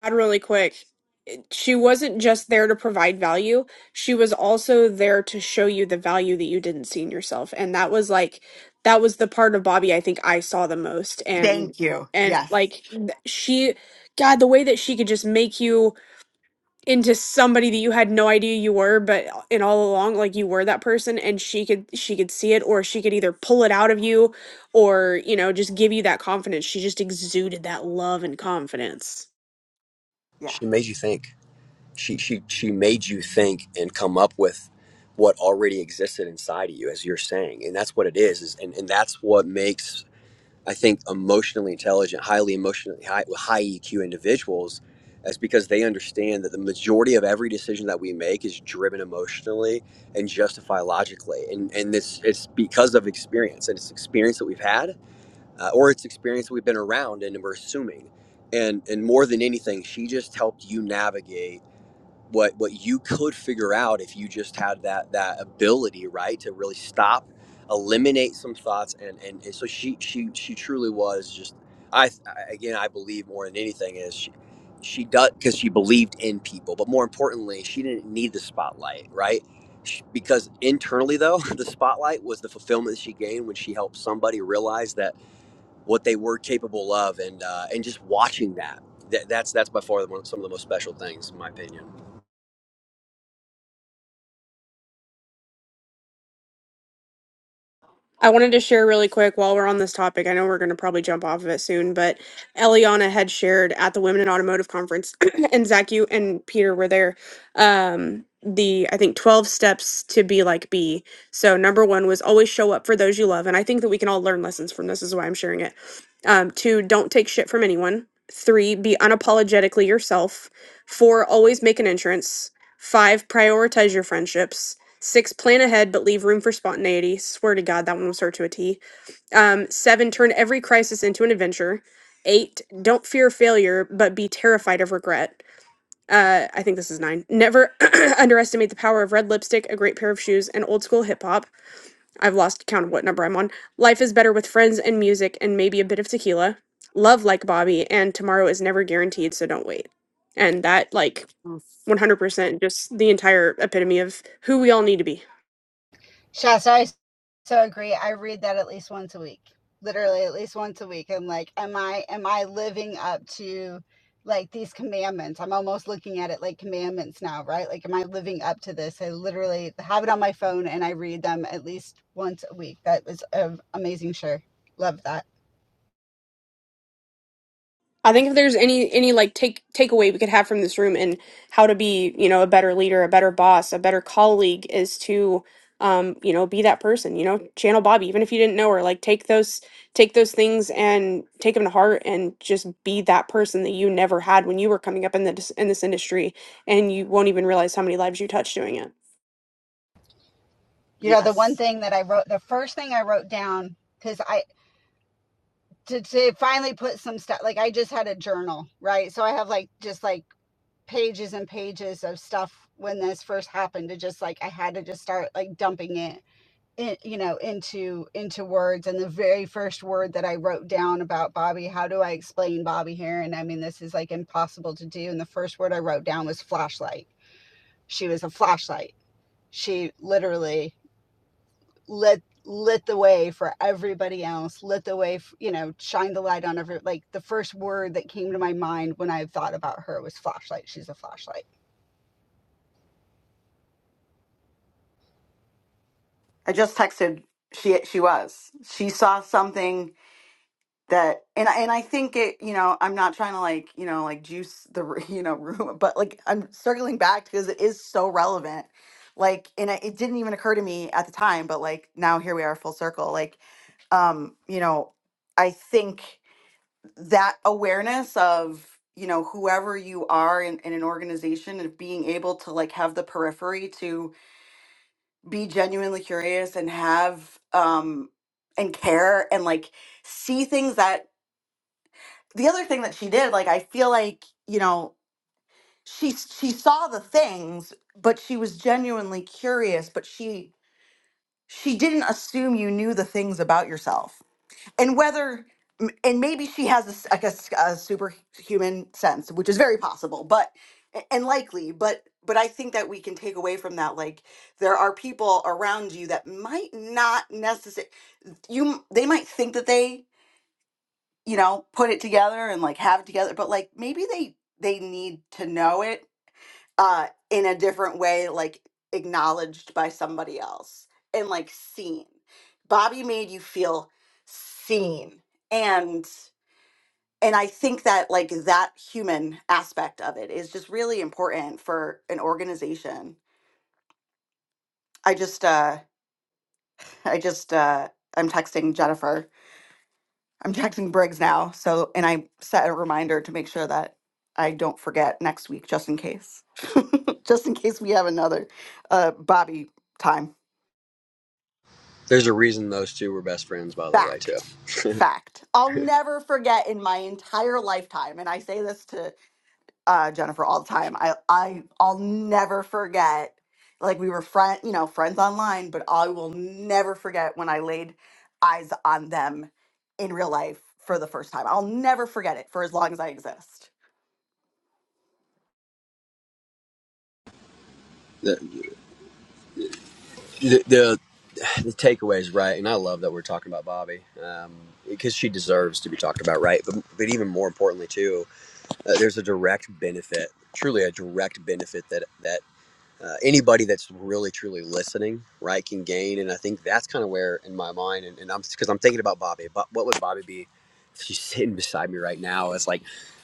Speaker 3: add really quick. It- She wasn't just there to provide value. She was also there to show you the value that you didn't see in yourself. And that was like that was the part of Bobby I think I saw the most and
Speaker 8: Thank you.
Speaker 3: and
Speaker 8: Yes.
Speaker 3: like th- she God, the way that she could just make you into somebody that you had no idea you were but in all along like you were that person and she could she could see it or she could either pull it out of you or you know just give you that confidence she just exuded that love and confidence
Speaker 8: Yeah.
Speaker 6: She made you think. she she she made you think and come up with what already existed inside of you as you're saying and that's what it is, is and, and that's what makes i think emotionally intelligent highly emotionally high, high eq individuals is because they understand that the majority of every decision that we make is driven emotionally and justify logically and and this it's because of experience and it's experience that we've had uh, or it's experience that we've been around and we're assuming and and more than anything she just helped you navigate what what you could figure out if you just had that that ability right to really stop eliminate some thoughts and and, and so she she she truly was just I, I again i believe more than anything is she, she does because she believed in people but more importantly she didn't need the spotlight right She- because internally though [laughs] the spotlight was the fulfillment that she gained when she helped somebody realize that what they were capable of and uh, and just watching that, that that's that's by far the one, some of the most special things in my opinion
Speaker 3: I wanted to share really quick while we're on this topic. I know we're going to probably jump off of it soon, but Eliana had shared at the Women in Automotive Conference, [clears throat] and Zach, you and Peter were there. Um, the I think 12 steps to be like B. So number one was always show up for those you love, and I think that we can all learn lessons from this. Is why I'm sharing it. Um, two, don't take shit from anyone. Three, be unapologetically yourself. Four, always make an entrance. Five, prioritize your friendships Six, plan ahead but leave room for spontaneity. Swear to God, that one will start to a T. Um, seven, turn every crisis into an adventure. Eight, don't fear failure but be terrified of regret. Uh, I think this is nine. Never [clears throat] underestimate the power of red lipstick, a great pair of shoes, and old school hip hop. I've lost count of what number I'm on. Life is better with friends and music and maybe a bit of tequila. Love like Bobby, and tomorrow is never guaranteed, so don't wait. And that, like,
Speaker 8: Yes.
Speaker 3: 100% just the entire epitome of who we all need to be.
Speaker 11: Shasta, I so agree. I read that at least once a week, literally at least once a week. I'm like, am I, am I living up to like these commandments? I'm almost looking at it like commandments now, right? Like, am I living up to this? I literally have it on my phone and I read them at least once a week. That was um, amazing. Sure. Love that.
Speaker 3: I think if there's any any like take takeaway we could have from this room and how to be, you know, a better leader, a better boss, a better colleague is to um, you know, be that person, you know, channel Bobby, even if you didn't know her, like take those take those things and take them to heart and just be that person that you never had when you were coming up in the dis- in this industry and you won't even realize how many lives you touched doing it.
Speaker 11: you know the one
Speaker 8: Yes.
Speaker 11: thing that i wrote the first thing i wrote down because i to, to finally put some stuff like i just had a journal right so i have like just like pages and pages of stuff when this first happened to just like i had to just start like dumping it in, you know into into words and the very first word that i wrote down about bobby how do i explain bobby here and i mean this is like impossible to do and the first word i wrote down was flashlight she was a flashlight she literally lit lit the way for everybody else lit the way f you know shine the light on every like the first word that came to my mind when I thought about her was flashlight she's a flashlight
Speaker 8: I just texted. She she was. She saw something that and I- and I think it you know I'm not trying to like you know like juice the r- [laughs] you know room but like I'm circling back because it is so relevant like and I- it didn't even occur to me at the time but like now here we are full circle like um you know I think that awareness of you know whoever you are in, in an organization and being able to like have the periphery to be genuinely curious and have um and care and like see things that the other thing that she did, like I feel like, you know, she she saw the things, but she was genuinely curious, but she she didn't assume you knew the things about yourself. And whether m- and maybe she has a, s- like a, s- a superhuman sense, which is very possible, but a- and likely, but but I think that we can take away from that like there are people around you that might not necessarily you m- they might think that they you know put it together and like have it together but like maybe they they need to know it uh in a different way like acknowledged by somebody else and like seen bobby made you feel seen and and i think that like that human aspect of it is just really important for an organization i just uh i just uh i'm texting jennifer I'm texting Briggs now, so and I set a reminder to make sure that I don't forget next week, just in case, [laughs] just in case we have another uh, Bobby time.
Speaker 6: There's a reason those two were best friends, by the way, too.
Speaker 8: Fact, fact. I'll never forget in my entire lifetime, and I say this to uh, Jennifer all the time. I, I, I'll never forget. Like we were friend, you know, friends online, but I will never forget when I laid eyes on them in real life for the first time. I'll never forget it for as long as I exist
Speaker 6: The, the, the takeaway is right, and I love that we're talking about Bobby um, because she deserves to be talked about, right? But, but even more importantly, too, uh, there's a direct benefit, truly a direct benefit that that uh, anybody that's really truly listening, right, can gain. And I think that's kind of where, in my mind, and, and I'm because I'm thinking about Bobby, but what would Bobby be? If she's [laughs] sitting beside me right now. It's like,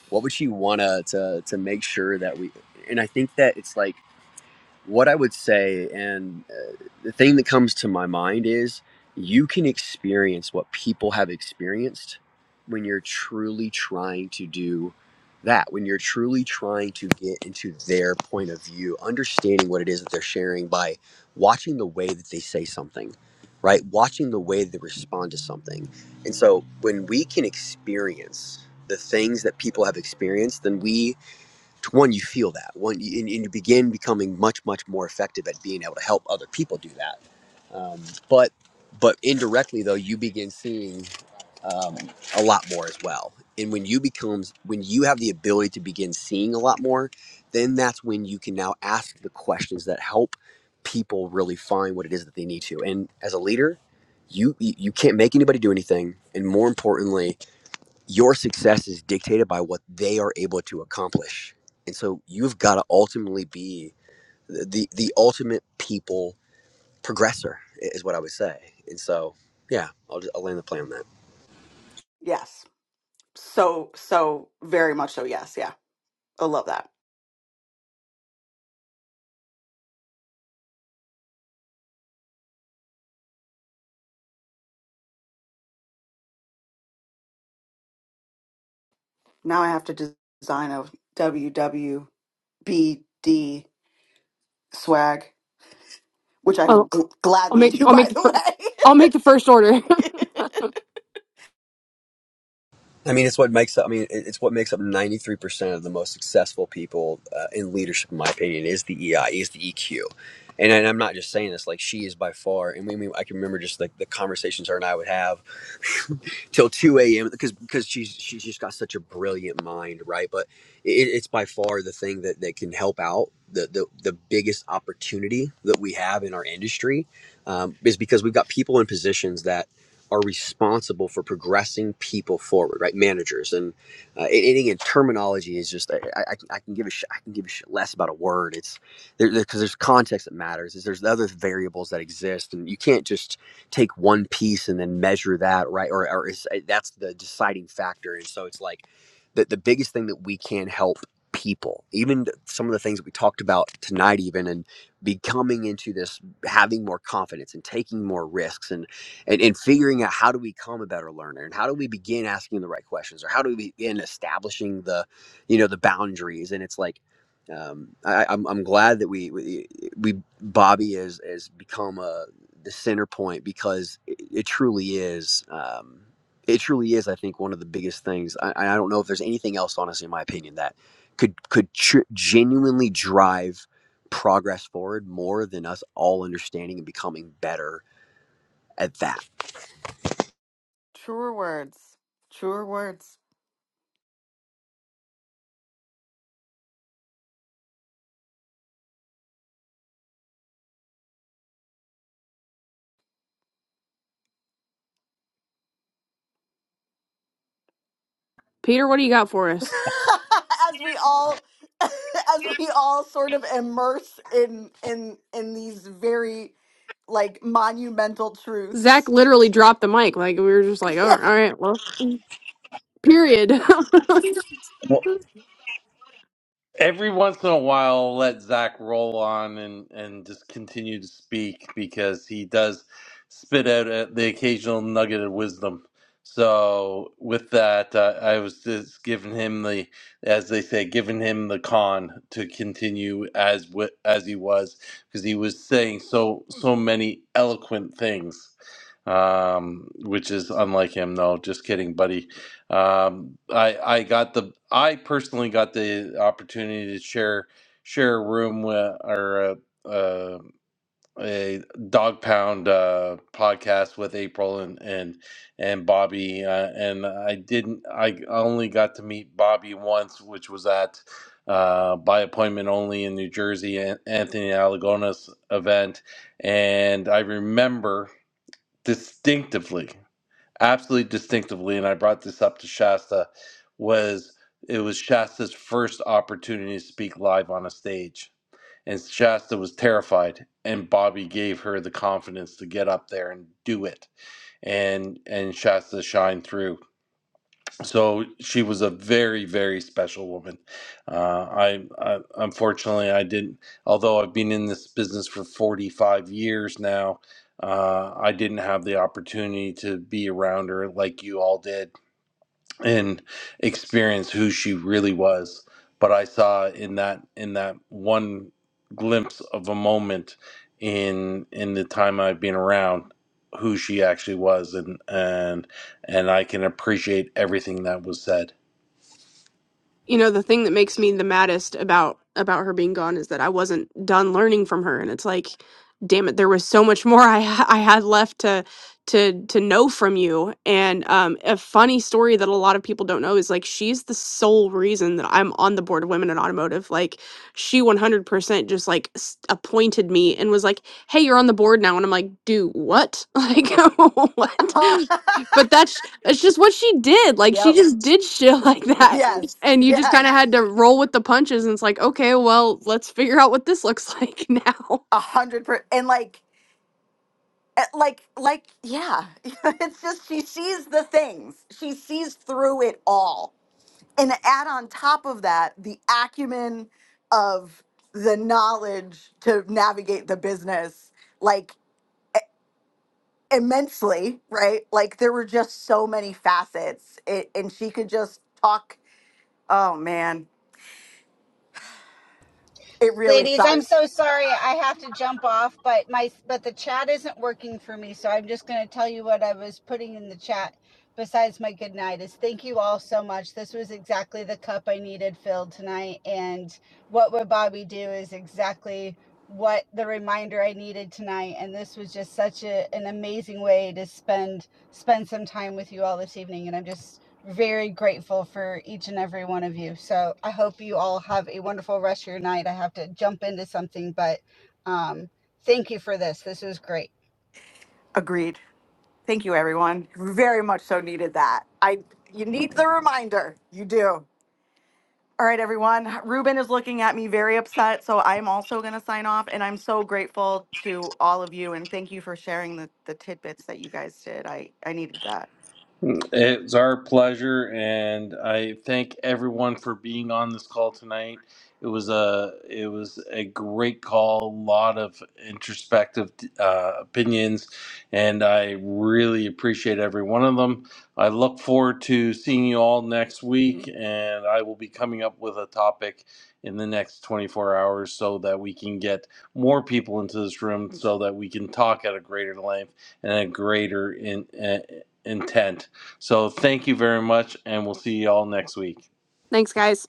Speaker 6: what would she want to to make sure that we? And I think that it's like what I would say, and uh, the thing that comes to my mind is you can experience what people have experienced when you're truly trying to do that, when you're truly trying to get into their point of view, understanding what it is that they're sharing by watching the way that they say something, right? Watching the way they respond to something. And so when we can experience the things that people have experienced, then we one you feel that one you- and, and you begin becoming much much more effective at being able to help other people do that um, but but indirectly though you begin seeing um, a lot more as well and when you becomes when you have the ability to begin seeing a lot more then that's when you can now ask the questions that help people really find what it is that they need to and as a leader you you you can't make anybody do anything and more importantly your success is dictated by what they are able to accomplish and so you've got to ultimately be the the ultimate people progressor is what i would say and so yeah i'll, just, I'll land the plan on that
Speaker 8: Yes. So, so very much so. Yes. Yeah. I love that. Now I have to des- design a WWBD swag, which I will
Speaker 3: Oh,
Speaker 8: gl-
Speaker 3: I'll
Speaker 8: gladly
Speaker 3: make
Speaker 8: do,
Speaker 3: I'll
Speaker 8: by
Speaker 3: make the
Speaker 8: the
Speaker 3: fir-
Speaker 8: way.
Speaker 3: I'll make the first order. [laughs]
Speaker 6: I mean, it's what makes up. I mean, it's what makes up ninety three percent of the most successful people uh, in leadership, in my opinion, is the EI, is the EQ, and, and I'm not just saying this. Like she is by far, and we, we I can remember just like the conversations her and I would have [laughs] till two a.m. because because she's she's just got such a brilliant mind, right? But it, it's by far the thing that that can help out the the the biggest opportunity that we have in our industry um, is because we've got people in positions that are responsible for progressing people forward, right? Managers and uh, and, and again, terminology is just I, I, I can give a sh- I can give a shit less about a word. It's there because there's context that matters. Is there's other variables that exist, and you can't just take one piece and then measure that, right? Or or is, that's the deciding factor. And so it's like the the biggest thing that we can help people, even some of the things that we talked about tonight, even and becoming into this having more confidence and taking more risks and and, and figuring out how do we become a better learner and how do we begin asking the right questions or how do we begin establishing the you know the boundaries and it's like um, I, I'm, I'm glad that we we, we Bobby has has become a the center point because it, it truly is um, it truly is I think one of the biggest things I, I don't know if there's anything else honestly in my opinion that could could tr- genuinely drive progress forward more than us all understanding and becoming better at that
Speaker 8: [laughs] Truer words. Truer words.
Speaker 3: Peter, what do you got for us?
Speaker 8: [laughs] as we all [laughs] as we all sort of immerse in in in these very like monumental
Speaker 3: Zach
Speaker 8: truths
Speaker 3: literally dropped the mic. Like we were just
Speaker 8: [laughs]
Speaker 3: like, oh,
Speaker 8: yeah
Speaker 3: all right, well. Period. [laughs]
Speaker 1: Every once in a while, I'll let Zach roll on and, and just continue to speak because he does spit out uh, the occasional nugget of wisdom. So, with that, uh, I was just giving him the, as they say, giving him the con to continue as wi- as he was because he was saying so so many eloquent things, um, which is unlike him. No, just kidding, buddy. Um, I I got the I personally got the opportunity to share share a room with, or a, uh, a dog pound uh, podcast with April and and and Bobby uh, and I didn't I only got to meet Bobby once, which was at uh, by appointment only in New Jersey An- Anthony Alagona's event, and I remember distinctively absolutely distinctively, and I brought this up to Shasta, was it was Shasta's first opportunity to speak live on a stage. And Shasta was terrified, and Bobby gave her the confidence to get up there and do it. And and Shasta shined through so she was a very very special woman uh, I, I unfortunately i didn't although i've been in this business for 45 years now uh, i didn't have the opportunity to be around her like you all did and experience who she really was but i saw in that in that one glimpse of a moment in in the time i've been around who she actually was and and and i can appreciate everything that was said
Speaker 3: you know the thing that makes me the maddest about about her being gone is that i wasn't done learning from her and it's like damn it there was so much [laughs] more i ha- i had left to to to know from you and um a funny story that a lot of people don't know is like she's the sole reason that i'm on the board of women in automotive like she 100% just like s- appointed me and was like hey you're on the board now and i'm like do what [laughs] like [laughs] what
Speaker 8: [laughs]
Speaker 3: but that's it's just what she did like she
Speaker 8: yep
Speaker 3: just did shit [laughs] like that
Speaker 8: yes
Speaker 3: and you just kind of
Speaker 8: yes
Speaker 3: had to roll with the punches and it's like okay well let's figure out what this looks like now
Speaker 8: a hundred per and like eh, like like yeah [laughs] it's just she sees the things she sees through it all and add on top of that the acumen of the knowledge to navigate the business like immensely, right? Like there were just so many facets, it, and she could just talk. Oh man, it really
Speaker 11: Ladies, I'm
Speaker 8: sucks.
Speaker 11: so sorry I have to jump off, but my but the chat isn't working for me, so I'm just going to tell you what I was putting in the chat besides my good night is thank you all so much. This was exactly the cup I needed filled tonight and what would Bobby do is exactly what the reminder I needed tonight and this was just such a, an amazing way to spend spend some time with you all this evening and I'm just very grateful for each and every one of you. So I hope you all have a wonderful rest of your night. I have to jump into something, but um, thank you for this. This was great.
Speaker 8: Agreed. Thank you, everyone. Very much so needed that. I you need the reminder. You do. All right, everyone. Ruben is looking at me very upset, so I'm also going to sign off. And I'm so grateful to all of you, and thank you for sharing the, the tidbits that you guys did. I I needed that.
Speaker 1: It's our pleasure, and I thank everyone for being on this call tonight. It was a it was a great call, a lot of introspective uh, opinions, and I really appreciate every one of them. I look forward to seeing you all next week, and I will be coming up with a topic in the next 24 hours so that we can get more people into this room so that we can talk at a greater length and a greater in, uh, intent so thank you very much, and we'll see you all next week.
Speaker 3: [laughs] thanks guys